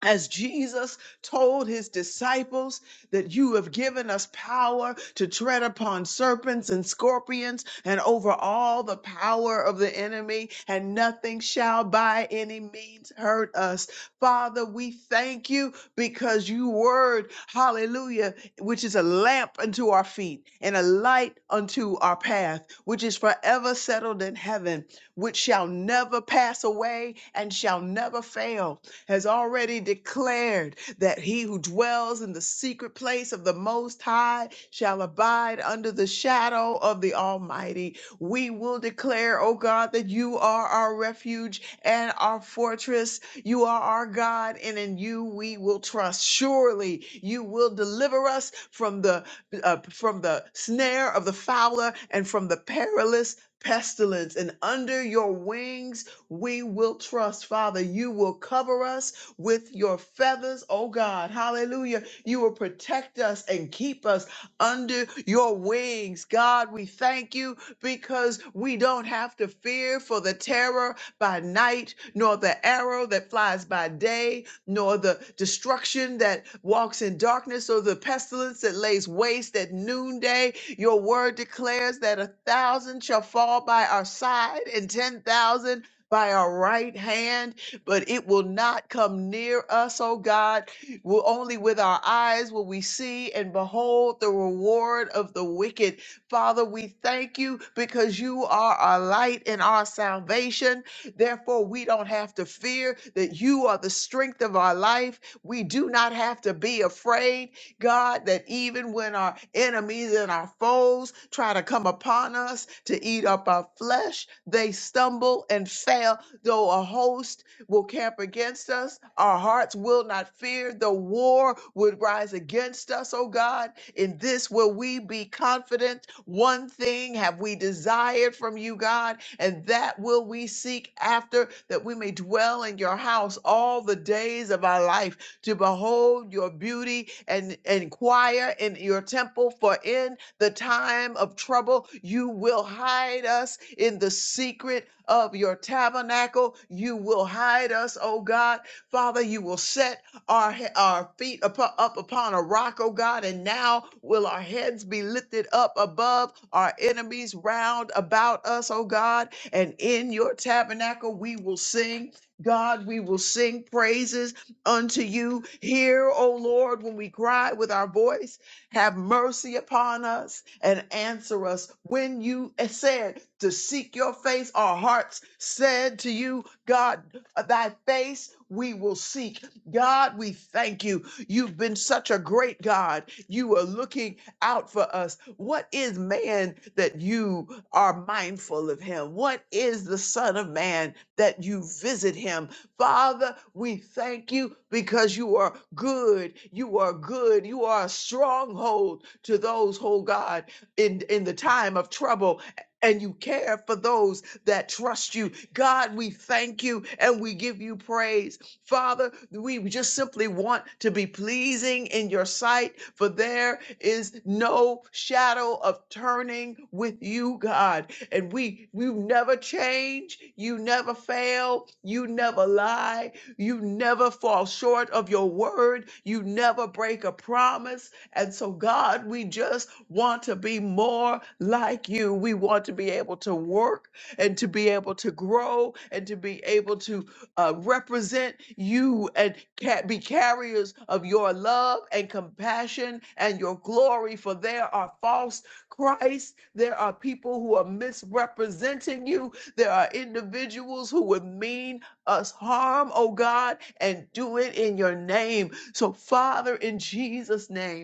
as Jesus told his disciples that you have given us power to tread upon serpents and scorpions and over all the power of the enemy, and nothing shall by any means hurt us. Father, we thank you because you word, hallelujah, which is a lamp unto our feet and a light unto our path, which is forever settled in heaven, which shall never pass away and shall never fail has already declared that he who dwells in the secret place of the Most High shall abide under the shadow of the Almighty. We will declare, O God, that you are our refuge and our fortress. You are our God, and in you we will trust. Surely you will deliver us from the uh, from the snare of the fowler and from the perilous pestilence. And under your wings we will trust. Father, you will cover us with your feathers, oh God. Hallelujah. You will protect us and keep us under your wings. God, we thank you because we don't have to fear for the terror by night, nor the arrow that flies by day, nor the destruction that walks in darkness, or the pestilence that lays waste at noonday. Your word declares that a thousand shall fall by our side and 10,000 by our right hand, but it will not come near us, oh God. Will only with our eyes will we see and behold the reward of the wicked. Father, we thank you because you are our light and our salvation. Therefore, we don't have to fear that you are the strength of our life. We do not have to be afraid God, that even when our enemies and our foes try to come upon us to eat up our flesh, they stumble and fail. Though a host will camp against us, our hearts will not fear. The war would rise against us, O God. In this will we be confident. One thing have we desired from you, God, and that will we seek after, that we may dwell in your house all the days of our life to behold your beauty and inquire in your temple for in the time of trouble you will hide us in the secret of your tabernacle you will hide us oh god father you will set our he- our feet upo- up upon a rock oh god and now will our heads be lifted up above our enemies round about us oh god and in your tabernacle we will sing God, we will sing praises unto you. Hear, O Lord, when we cry with our voice. Have mercy upon us and answer us. When you eh, said to seek your face, our hearts said to you, God, thy face we will seek. God, we thank you. You've been such a great God. You are looking out for us. What is man that you are mindful of him? What is the Son of Man that you visit him? Father, we thank you because you are good. You are good. You are a stronghold to those, oh God, in, in the time of trouble. And you care for those that trust you. God, we thank you and we give you praise. Father, we just simply want to be pleasing in your sight, for there is no shadow of turning with you, God and we you never change you never fail you never lie you never fall short of your word you never break a promise and so god we just want to be more like you we want to be able to work and to be able to grow and to be able to uh, represent you and ca- be carriers of your love and compassion and your glory for there are false Christ. There are people who are misrepresenting you. There are individuals who would mean us harm, oh God, and do it in your name. So, Father, in Jesus' name,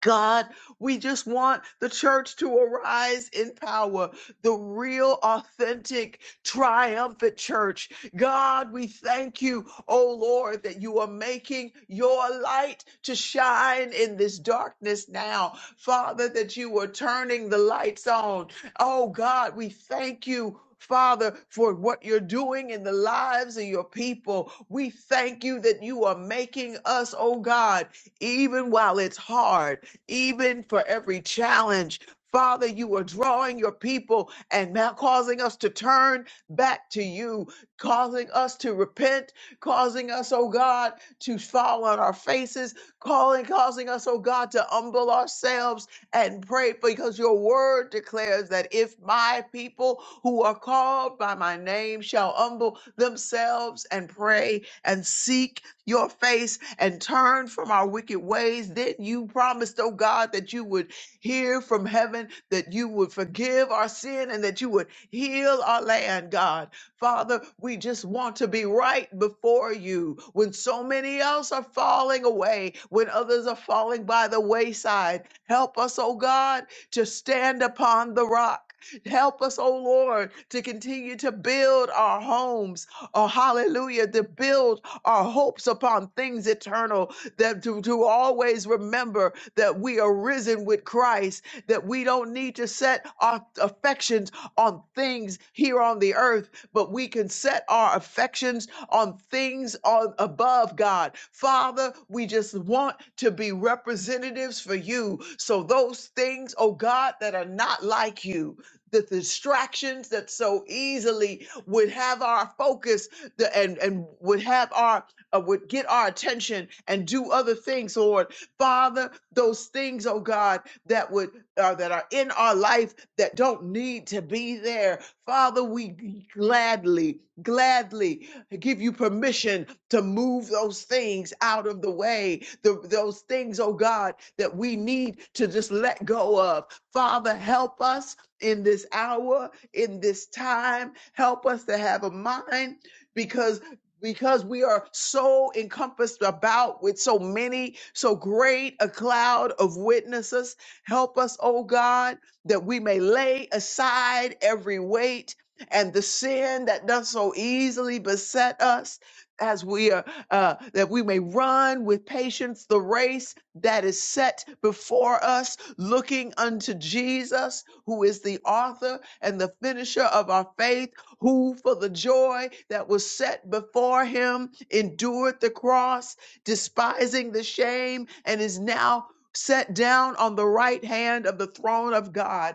God, we just want the church to arise in power, the real, authentic, triumphant church. God, we thank you, oh Lord, that you are making your light to shine in this darkness now. Father, that you are turning the lights on. Oh God, we thank you. Father, for what you're doing in the lives of your people. We thank you that you are making us, oh God, even while it's hard even for every challenge. Father, you are drawing your people and now causing us to turn back to you, causing us to repent, causing us, oh God, to fall on our faces, calling, causing us, oh God, to humble ourselves and pray because your word declares that if my people who are called by my name shall humble themselves and pray and seek your face and turn from our wicked ways. Then you promised, oh God, that you would hear from heaven, that you would forgive our sin, and that you would heal our land, God. Father, we just want to be right before you when so many else are falling away, when others are falling by the wayside. Help us, oh God, to stand upon the rock. Help us, oh Lord, to continue to build our homes. Oh, hallelujah, to build our hopes upon things eternal, that to, to always remember that we are risen with Christ, that we don't need to set our affections on things here on the earth, but we can set our affections on things on above God. Father, we just want to be representatives for you. So those things, oh God, that are not like you, the distractions that so easily would have our focus the, and and would have our uh, would get our attention and do other things, Lord Father. Those things, oh God, that would uh, that are in our life that don't need to be there, Father. We gladly, gladly give you permission to move those things out of the way. The, those things, oh God, that we need to just let go of. Father, help us in this hour, in this time. Help us to have a mind because because we are so encompassed about with so many, so great a cloud of witnesses. Help us, oh God, that we may lay aside every weight and the sin that does so easily beset us as we are uh, that we may run with patience the race that is set before us looking unto jesus who is the author and the finisher of our faith who for the joy that was set before him endured the cross, despising the shame, and is now set down on the right hand of the throne of God.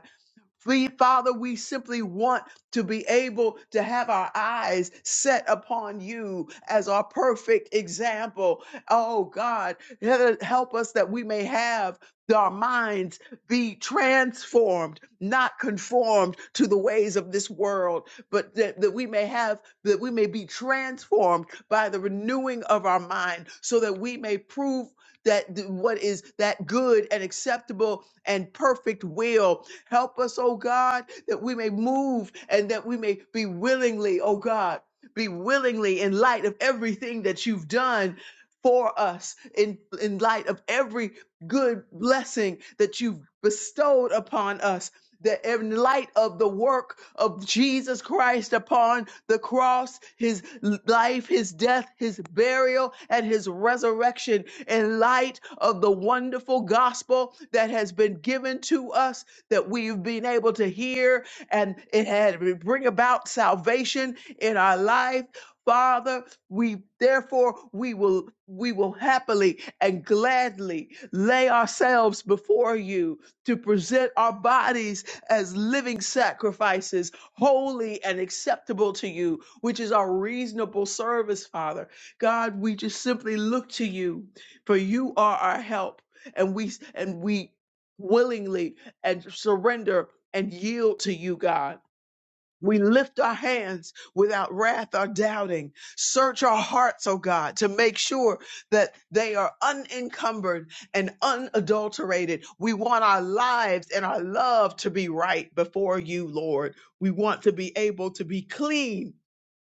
We, Father, we simply want to be able to have our eyes set upon you as our perfect example. Oh God, he- help us that we may have our minds be transformed, not conformed to the ways of this world, but that, that we may have, that we may be transformed by the renewing of our mind so that we may prove that th- what is that good and acceptable and perfect will Help us, oh God, that we may move and that we may be willingly, oh God, be willingly in light of everything that you've done for us, in, in light of every good blessing that you've bestowed upon us. That in light of the work of Jesus Christ upon the cross, his life, his death, his burial, and his resurrection, in light of the wonderful gospel that has been given to us that we've been able to hear and it had bring about salvation in our life. Father, we therefore we will we will happily and gladly lay ourselves before you to present our bodies as living sacrifices, holy and acceptable to you, which is our reasonable service, Father. God, we just simply look to you, for you are our help, and we and we willingly and surrender and yield to you, God. We lift our hands without wrath or doubting. Search our hearts, oh God, to make sure that they are unencumbered and unadulterated. We want our lives and our love to be right before you, Lord. We want to be able to be clean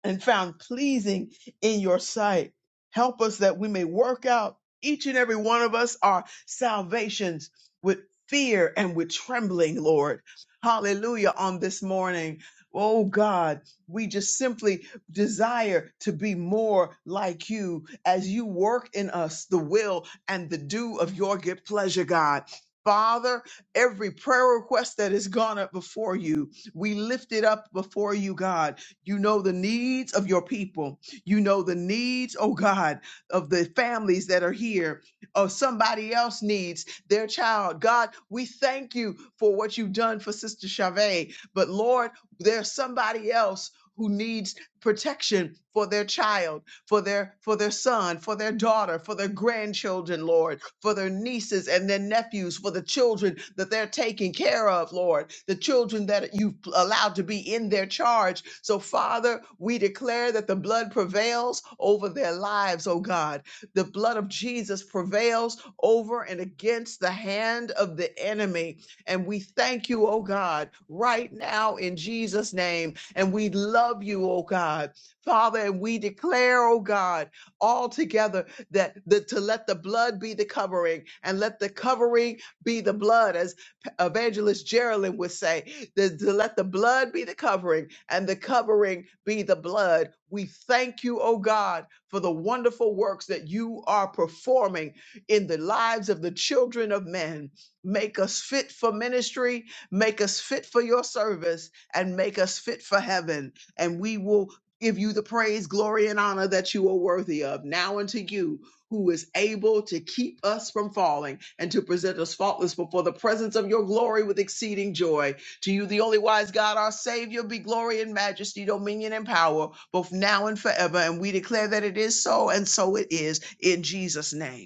and found pleasing in your sight. Help us that we may work out each and every one of us our salvations with fear and with trembling, Lord. Hallelujah on this morning. Oh God, we just simply desire to be more like you as you work in us the will and the do of your good pleasure, God. Father, every prayer request that has gone up before you, we lift it up before you, God you know the needs of your people. You know the needs, oh God, of the families that are here, or somebody else needs their child. God, we thank you for what you've done for Sister Chavez. But Lord, there's somebody else who needs protection for their child, for their for their son, for their daughter, for their grandchildren, Lord for their nieces and their nephews, for the children that they're taking care of, Lord, the children that you've allowed to be in their charge. So, Father, we declare that the blood prevails over their lives, oh God. The blood of Jesus prevails over and against the hand of the enemy. And we thank you, oh God, right now in Jesus' name. And we love you, oh God. Father, and we declare, oh God all together that the, to let the blood be the covering and let the covering be the blood as P- evangelist Geraldine would say the, to let the blood be the covering and the covering be the blood we thank you oh God for the wonderful works that you are performing in the lives of the children of men make us fit for ministry make us fit for your service and make us fit for heaven and we will give you the praise, glory, and honor that you are worthy of. Now unto you, who is able to keep us from falling and to present us faultless before the presence of your glory with exceeding joy. To you, the only wise God, our Savior, be glory and majesty, dominion and power, both now and forever. And we declare that it is so, and so it is in Jesus' name.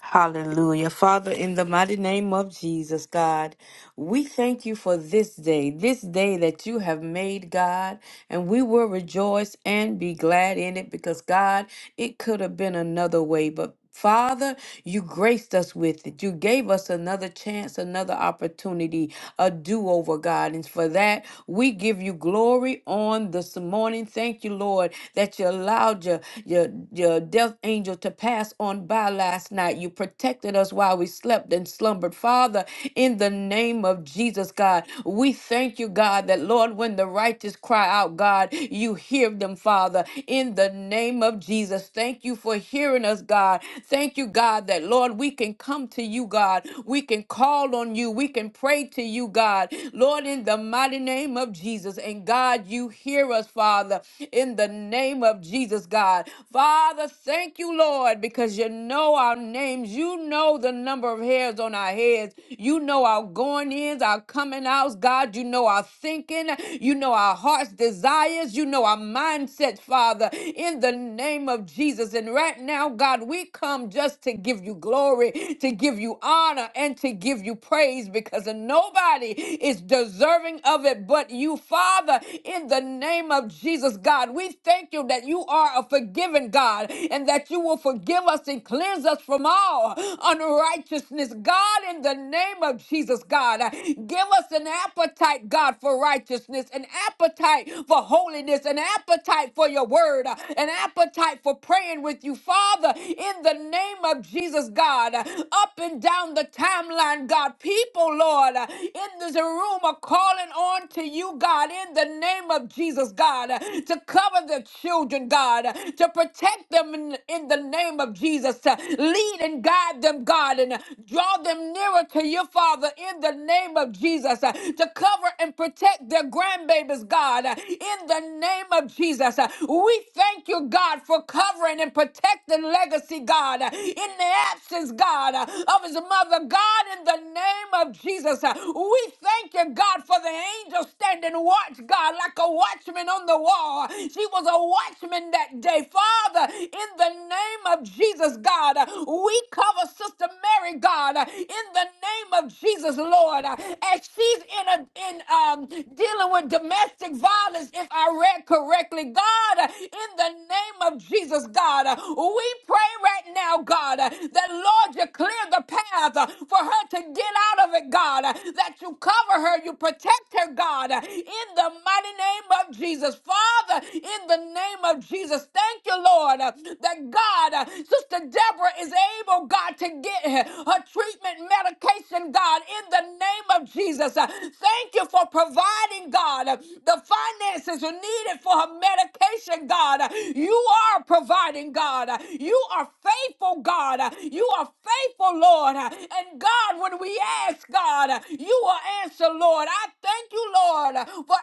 Hallelujah. Father, in the mighty name of Jesus, God, we thank you for this day, this day that you have made, God, and we will rejoice and be glad in it because, God, it could have been another way, but Father, you graced us with it. You gave us another chance, another opportunity a do over, God. And for that, we give you glory on this morning. Thank you, Lord, that you allowed your, your, your death angel to pass on by last night. You protected us while we slept and slumbered. Father, in the name of Jesus, God, we thank you, God, that, Lord, when the righteous cry out, God, you hear them, Father, in the name of Jesus. Thank you for hearing us, God. Thank you, God, that, Lord, we can come to you, God. We can call on you. We can pray to you, God. Lord, in the mighty name of Jesus. And God, you hear us, Father, in the name of Jesus, God. Father, thank you, Lord, because you know our names. You know the number of hairs on our heads. You know our going ins, our coming outs, God. You know our thinking. You know our heart's desires. You know our mindset, Father, in the name of Jesus. And right now, God, we come just to give you glory, to give you honor, and to give you praise praise because nobody is deserving of it but you, Father, in the name of Jesus, God. We thank you that you are a forgiving God and that you will forgive us and cleanse us from all unrighteousness. God, in the name of Jesus, God, give us an appetite, God, for righteousness, an appetite for holiness, an appetite for your word, an appetite for praying with you, Father, in the name of Jesus, God, up and down the timeline, Lord God. People, Lord, uh, in this room are calling on to you, God, in the name of Jesus, God, uh, to cover the children, God, uh, to protect them in, in the name of Jesus, to lead and guide them, God, and uh, draw them nearer to your Father in the name of Jesus, uh, to cover and protect their grandbabies, God, uh, in the name of Jesus. Uh, We thank you, God, for covering and protecting legacy, God, uh, in the absence, God, uh, of his mother, God. God, in the name of Jesus. Uh, We thank you, God, for the angel standing watch, God, like a watchman on the wall. She was a watchman that day. Father, in the name of Jesus, God, uh, we cover Sister Mary, God, uh, in the name of Jesus, Lord, uh, as she's in a in um dealing with domestic violence, if I read correctly, God, uh, in the name of Jesus, God, uh, we pray right now, God, uh, that Lord, you clear the path path uh, for her to get out of it, God. uh, That you cover her, you protect her, God, uh, in the mighty name of Jesus. Father, in the name of Jesus, thank you, Lord, uh, that God, uh, Sister Deborah is able, God, to get her her treatment medication, God, in the name of Jesus. Uh, Thank you for providing, God, uh, the finances are needed for her medication, God. Uh, You are providing, God. Uh, You are faithful, God. Uh, You are faithful faithful, Lord. And God, when we ask, God, you will answer, Lord. I thank you, Lord, for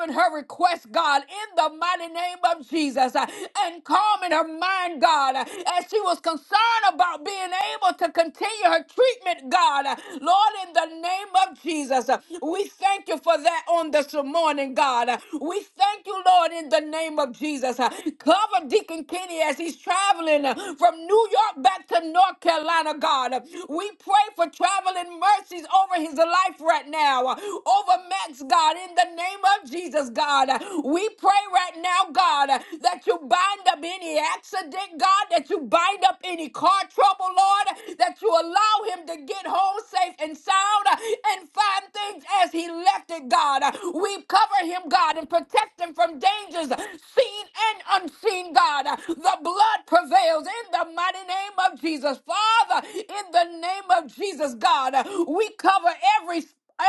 answering her request, God, in the mighty name of Jesus. And calming her mind, God, as she was concerned about being able to continue her treatment, God. Lord, in the name of Jesus, we thank you for that on this morning, God. We thank you, Lord, in the name of Jesus. Cover Deacon Kenny as he's traveling from New York back to North Carolina. Carolina, God. We pray for traveling mercies over his life right now, over Max, God, in the name of Jesus, God. We pray right now, God, that you bind up any accident, God, that you bind up any car trouble, Lord, that you allow him to get home safe and sound and find things as he left it, God. We cover him, God, and protect him from dangers, seen and unseen, God. The blood prevails in the mighty name of Jesus. Jesus. Father, in the name of Jesus, God, uh, we cover every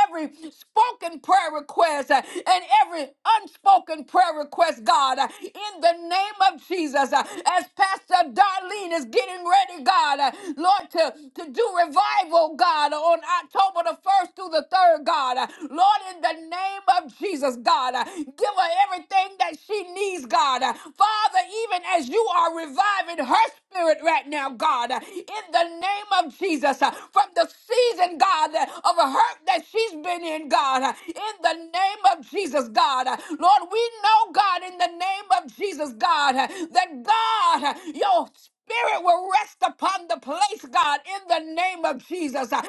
every spoken prayer request uh, and every unspoken prayer request, God, uh, in the name of Jesus. uh, As Pastor Darlene is getting ready, God, uh, Lord, to, to do revival, God, on October the 1st through the 3rd, God. uh, Lord, in the name of Jesus, God, uh, give her everything that she needs, God. uh, Father, even as you are reviving her spirit right now now, God, in the name of Jesus, uh, from the season, God, of hurt that she's been in, God, uh, in the name of Jesus, God. Uh, Lord, we know, God, in the name of Jesus, God, uh, that God, uh, your Spirit will rest upon the place, God, in the name of Jesus. Uh,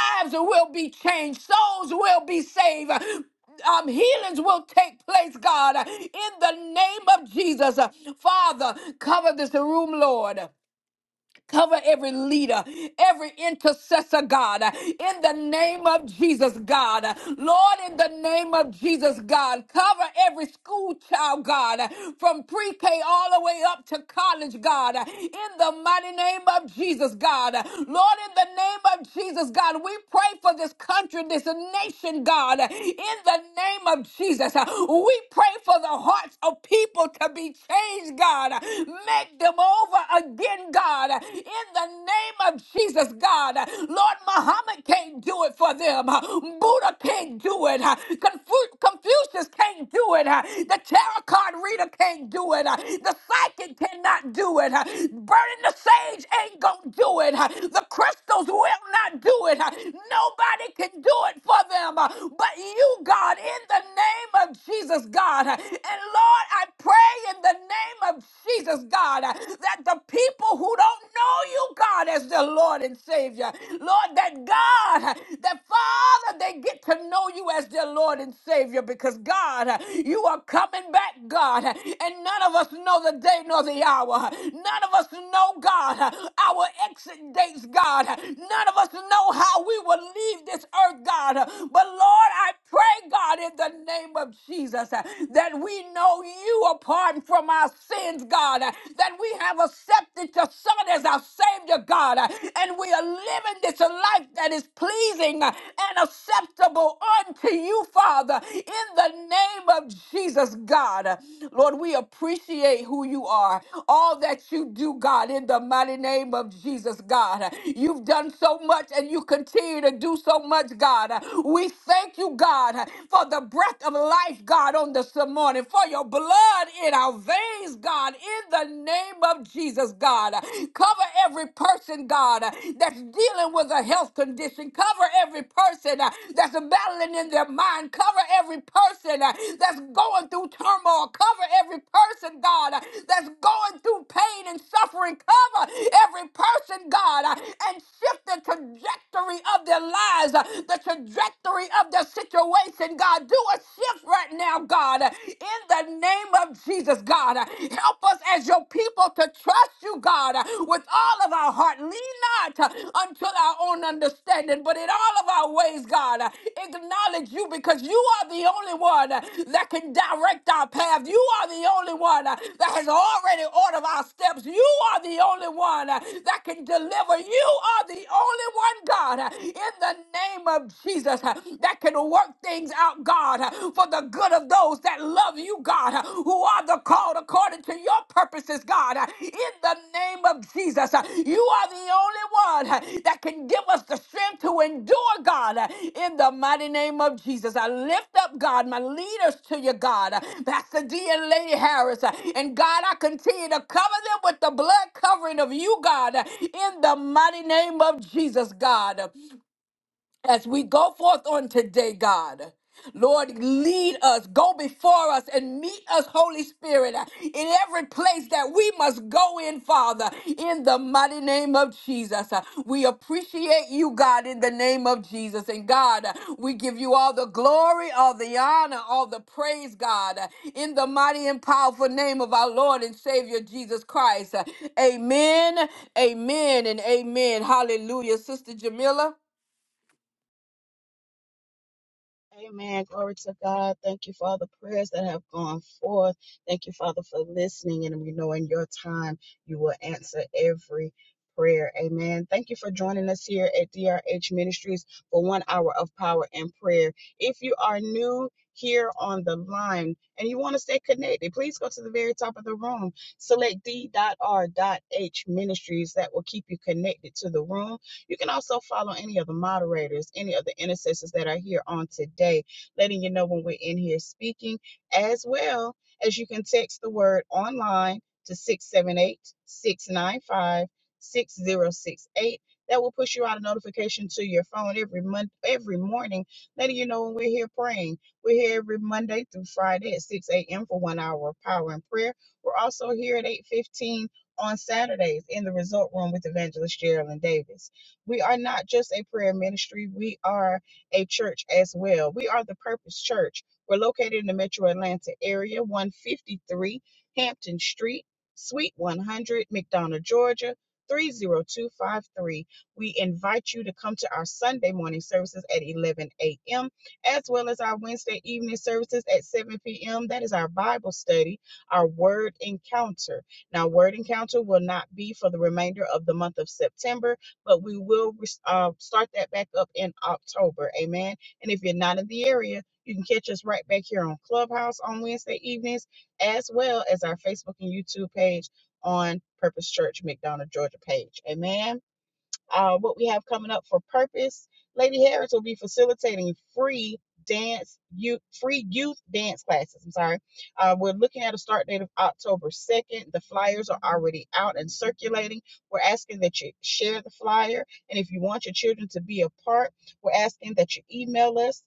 Lives will be changed, souls will be saved, Uh, um, healings will take place, God, in the name of Jesus. Father, cover this room, Lord. Cover every leader, every intercessor, God, in the name of Jesus, God. Lord, in the name of Jesus, God, cover every school child, God, from pre K all the way up to college, God, in the mighty name of Jesus, God. Lord, in the name of Jesus, God, we pray for this country, this nation, God, in the name of Jesus. We pray for the hearts of people to be changed, God. Make them, over again, God, in the name of Jesus, God. Lord, Muhammad can't do it for them. Buddha can't do it. Confu- Confucius can't do it. The tarot card reader can't do it. The psychic cannot do it. Burning the sage ain't gonna do it. The crystals will not do it. Nobody can do it for them but you, God, in the name of Jesus, God. And Lord, I pray in the name name of Jesus, God, uh, that the people who don't know you, God, as their Lord and Savior, Lord, that God, uh, that Father, they get to know you as their Lord and Savior because, God, uh, you are coming back, God, uh, and none of us know the day nor the hour. None of us know, God, uh, our exit dates, God. uh, None of us know how we will leave this earth, God. uh, But, Lord, I pray, God, in the name of Jesus, uh, that we know owe you a pardon from our sins, God, uh, that we have accepted your Son as our Savior, God, uh, and we are living this life that is pleasing uh, and acceptable unto you, Father, in the name of Jesus, God. Uh, Lord, we appreciate who you are, all that you do, God, in the mighty name of Jesus, God. Uh, You've done so much and you continue to do so much, God. Uh, We thank you, God, uh, for the breath of life, life, God, on this morning for your blood in our veins, God, in the name of Jesus, God. Cover every person, God, that's dealing with a health condition. Cover every person uh, that's battling in their mind. Cover every person uh, that's going through turmoil. Cover every person, God, uh, that's going through pain and suffering. Cover every person, God, uh, and shift the trajectory of their lives, uh, the trajectory of their situation, situation, God. Do a shift right now, God, in the name of Jesus, God. Help us as your people to trust you, God, with all of our heart. Lean not unto our own understanding, but in all of our ways, God, acknowledge you because you are the only one that can direct our path. You are the only one that has already ordered our steps. You are the only one that can deliver. You are the only one, God, in the name of Jesus. Jesus uh, that can work things out, God, uh, for the good of those that love you, God, uh, who are the called according to your purposes, God. Uh, In the name of Jesus, uh, you are the only one uh, that can give us the strength to endure, God. Uh, In the mighty name of Jesus, I lift up, God, my leaders to you, God, Uh, Pastor D and Lady Harris. uh, And God, I continue to cover them with the blood covering of you, God, uh, in the mighty name of Jesus, God. huh as we go forth on today, God. Lord, lead us, go before us, and meet us, Holy Spirit, in every place that we must go in, Father, in the mighty name of Jesus. We appreciate you, God, in the name of Jesus. And God, we give you all the glory, all the honor, all the praise, God, in the mighty and powerful name of our Lord and Savior Jesus Christ. Amen, amen, and amen. Hallelujah. Sister Jamila.
Amen. Glory to God. Thank you for all the prayers that have gone forth. Thank you, Father, for listening. And we know in your time you will answer every prayer. Amen. Thank you for joining us here at DRH Ministries for one hour of power and prayer. If you are new, here on the line, and you want to stay connected, please go to the very top of the room. Select D.R.H. Ministries that will keep you connected to the room you can also follow any of the moderators, any of the intercessors that are here on today, letting you know when we're in here speaking, as well as you can text the word online to 678 695 6068. That will push you out a notification to your phone every month, every morning, letting you know when we're here praying. We're here every Monday through Friday at 6 a.m. for one hour of power and prayer. We're also here at 8:15 on Saturdays in the resort room with Evangelist Geraldine Davis. We are not just a prayer ministry, we are a church as well. We are the Purpose Church. We're located in the metro Atlanta area, 153 Hampton Street, Suite 100, McDonough, Georgia. 30253. We invite you to come to our Sunday morning services at 11 a.m. as well as our Wednesday evening services at 7 p.m. That is our Bible study, our word encounter. Now, word encounter will not be for the remainder of the month of September but we will uh, start that back up in October. Amen. And if you're not in the area, you can catch us right back here on Clubhouse on Wednesday evenings, as well as our Facebook and YouTube page on Purpose Church McDonough, Georgia page. Amen uh, what we have coming up for purpose. Lady Harris will be facilitating free dance youth free youth dance classes. I'm sorry. Uh, we're looking at a start date of October 2nd. The flyers are already out and circulating. We're asking that you share the flyer. And if you want your children to be a part, we're asking that you email us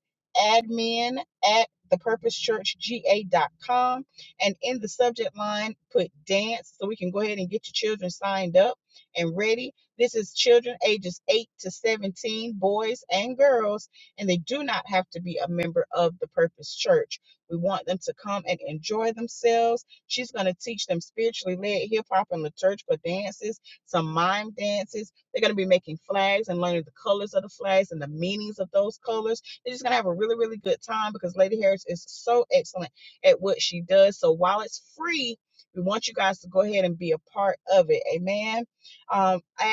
admin at thepurposechurchga.com and in the subject line put dance so we can go ahead and get your children signed up and ready this is children ages 8 to 17, boys and girls, and they do not have to be a member of the Purpose Church. We want them to come and enjoy themselves. She's going to teach them spiritually led hip hop and liturgical dances, some mime dances. They're going to be making flags and learning the colors of the flags and the meanings of those colors. They're just going to have a really, really good time because Lady Harris is so excellent at what she does. So while it's free, we want you guys to go ahead and be a part of it. Amen. Um, at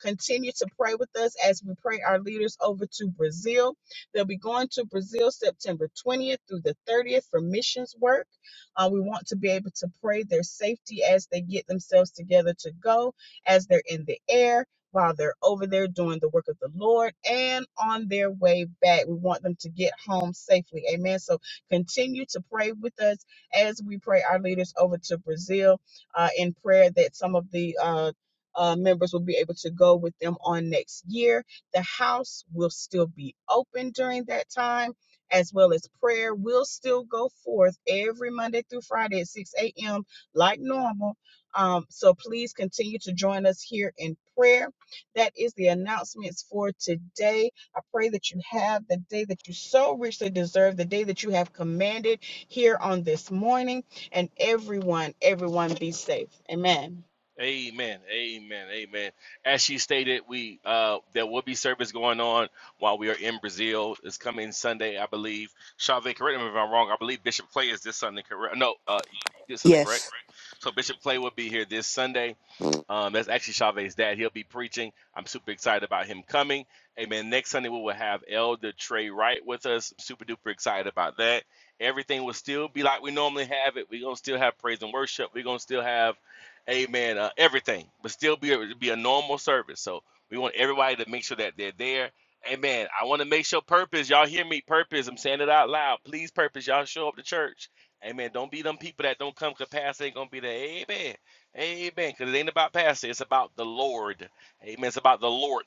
Continue to pray with us as we pray our leaders over to Brazil. They'll be going to Brazil September 20th through the 30th for missions work. Uh, we want to be able to pray their safety as they get themselves together to go, as they're in the air, while they're over there doing the work of the Lord, and on their way back. We want them to get home safely. Amen. So continue to pray with us as we pray our leaders over to Brazil uh, in prayer that some of the uh, uh, members will be able to go with them on next year. The house will still be open during that time, as well as prayer will still go forth every Monday through Friday at 6 a.m., like normal. Um, so please continue to join us here in prayer. That is the announcements for today. I pray that you have the day that you so richly deserve, the day that you have commanded here on this morning. And everyone, everyone be safe. Amen.
Amen. Amen. Amen. As she stated, we uh there will be service going on while we are in Brazil. It's coming Sunday, I believe. Shave, correct me if I'm wrong. I believe Bishop Clay is this Sunday, correct? No, uh this Sunday, correct?
Yes.
So Bishop Clay will be here this Sunday. Um, that's actually Chavez's dad. He'll be preaching. I'm super excited about him coming. Amen. Next Sunday, we will have Elder Trey Wright with us. I'm super duper excited about that. Everything will still be like we normally have it. We're going to still have praise and worship. We're going to still have, amen, uh, everything, but still be a, be a normal service. So we want everybody to make sure that they're there. Amen. I want to make sure purpose. Y'all hear me? Purpose. I'm saying it out loud. Please, purpose. Y'all show up to church. Amen. Don't be them people that don't come capacity. Ain't gonna be there. Amen. Amen. Because it ain't about pastor. It's about the Lord. Amen. It's about the Lord.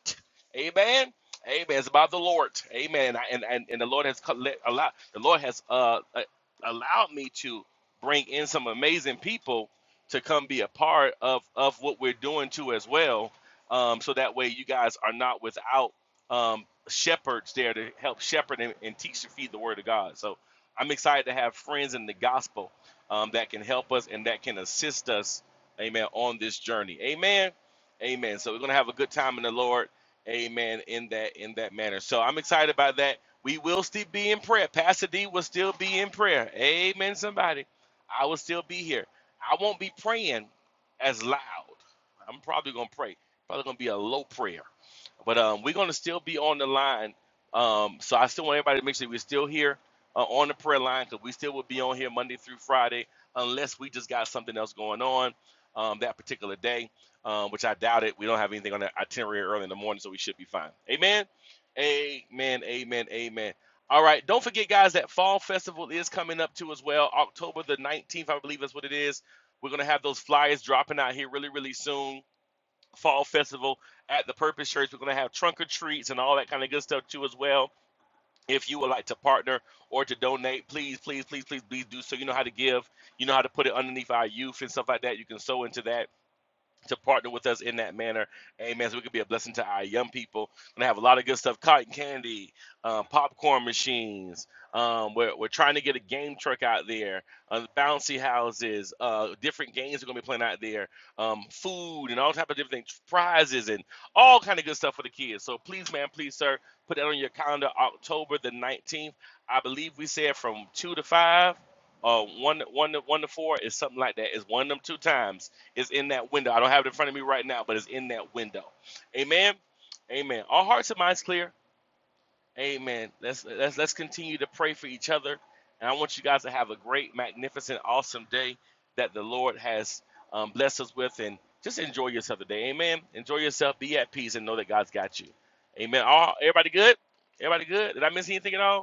Amen. Amen. It's about the Lord. Amen. And and, and the Lord has co- let, allowed the Lord has uh, uh, allowed me to bring in some amazing people to come be a part of of what we're doing too as well. Um, so that way you guys are not without um, shepherds there to help shepherd and, and teach and feed the word of God. So I'm excited to have friends in the gospel um, that can help us and that can assist us amen, on this journey. Amen. Amen. So we're gonna have a good time in the Lord. Amen. In that in that manner. So I'm excited about that. We will still be in prayer. Pastor D will still be in prayer. Amen. Somebody. I will still be here. I won't be praying as loud. I'm probably gonna pray. Probably gonna be a low prayer. But um, we're going to still be on the line. Um, so I still want everybody to make sure we're still here uh, on the prayer line because we still will be on here Monday through Friday unless we just got something else going on um, that particular day, um, which I doubt it. We don't have anything on the itinerary early in the morning, so we should be fine. Amen. Amen. Amen. Amen. All right. Don't forget, guys, that Fall Festival is coming up too as well. October the 19th, I believe that's what it is. We're going to have those flyers dropping out here really, really soon fall festival at the Purpose Church. We're going to have trunk or treats and all that kind of good stuff too as well. If you would like to partner or to donate, please, please, please, please, please do so. You know how to give. You know how to put it underneath our youth and stuff like that. You can sow into that to partner with us in that manner. Amen. So we can be a blessing to our young people. We're gonna have a lot of good stuff: cotton candy, um, popcorn machines. Um, we're, we're trying to get a game truck out there, uh, bouncy houses, uh, different games are gonna be playing out there, um, food and all type of different things, prizes and all kind of good stuff for the kids. So please, man, please, sir, put that on your calendar. October the nineteenth, I believe we said from two to five. Uh, one, one, to, one to four is something like that. It's one of them two times is in that window. I don't have it in front of me right now, but it's in that window. Amen. Amen. Our hearts and minds clear. Amen. Let's let's let's continue to pray for each other. And I want you guys to have a great, magnificent, awesome day that the Lord has um, blessed us with. And just enjoy yourself today. Amen. Enjoy yourself. Be at peace and know that God's got you. Amen. All everybody good? Everybody good? Did I miss anything at all?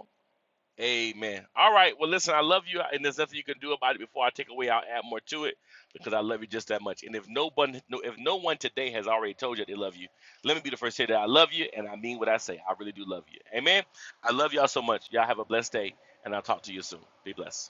Amen. All right. Well, listen, I love you, and there's nothing you can do about it. Before I take away, I'll add more to it because I love you just that much. And if no one, no, if no one today has already told you they love you, let me be the first to say that I love you, and I mean what I say. I really do love you. Amen. I love y'all so much. Y'all have a blessed day, and I'll talk to you soon. Be blessed.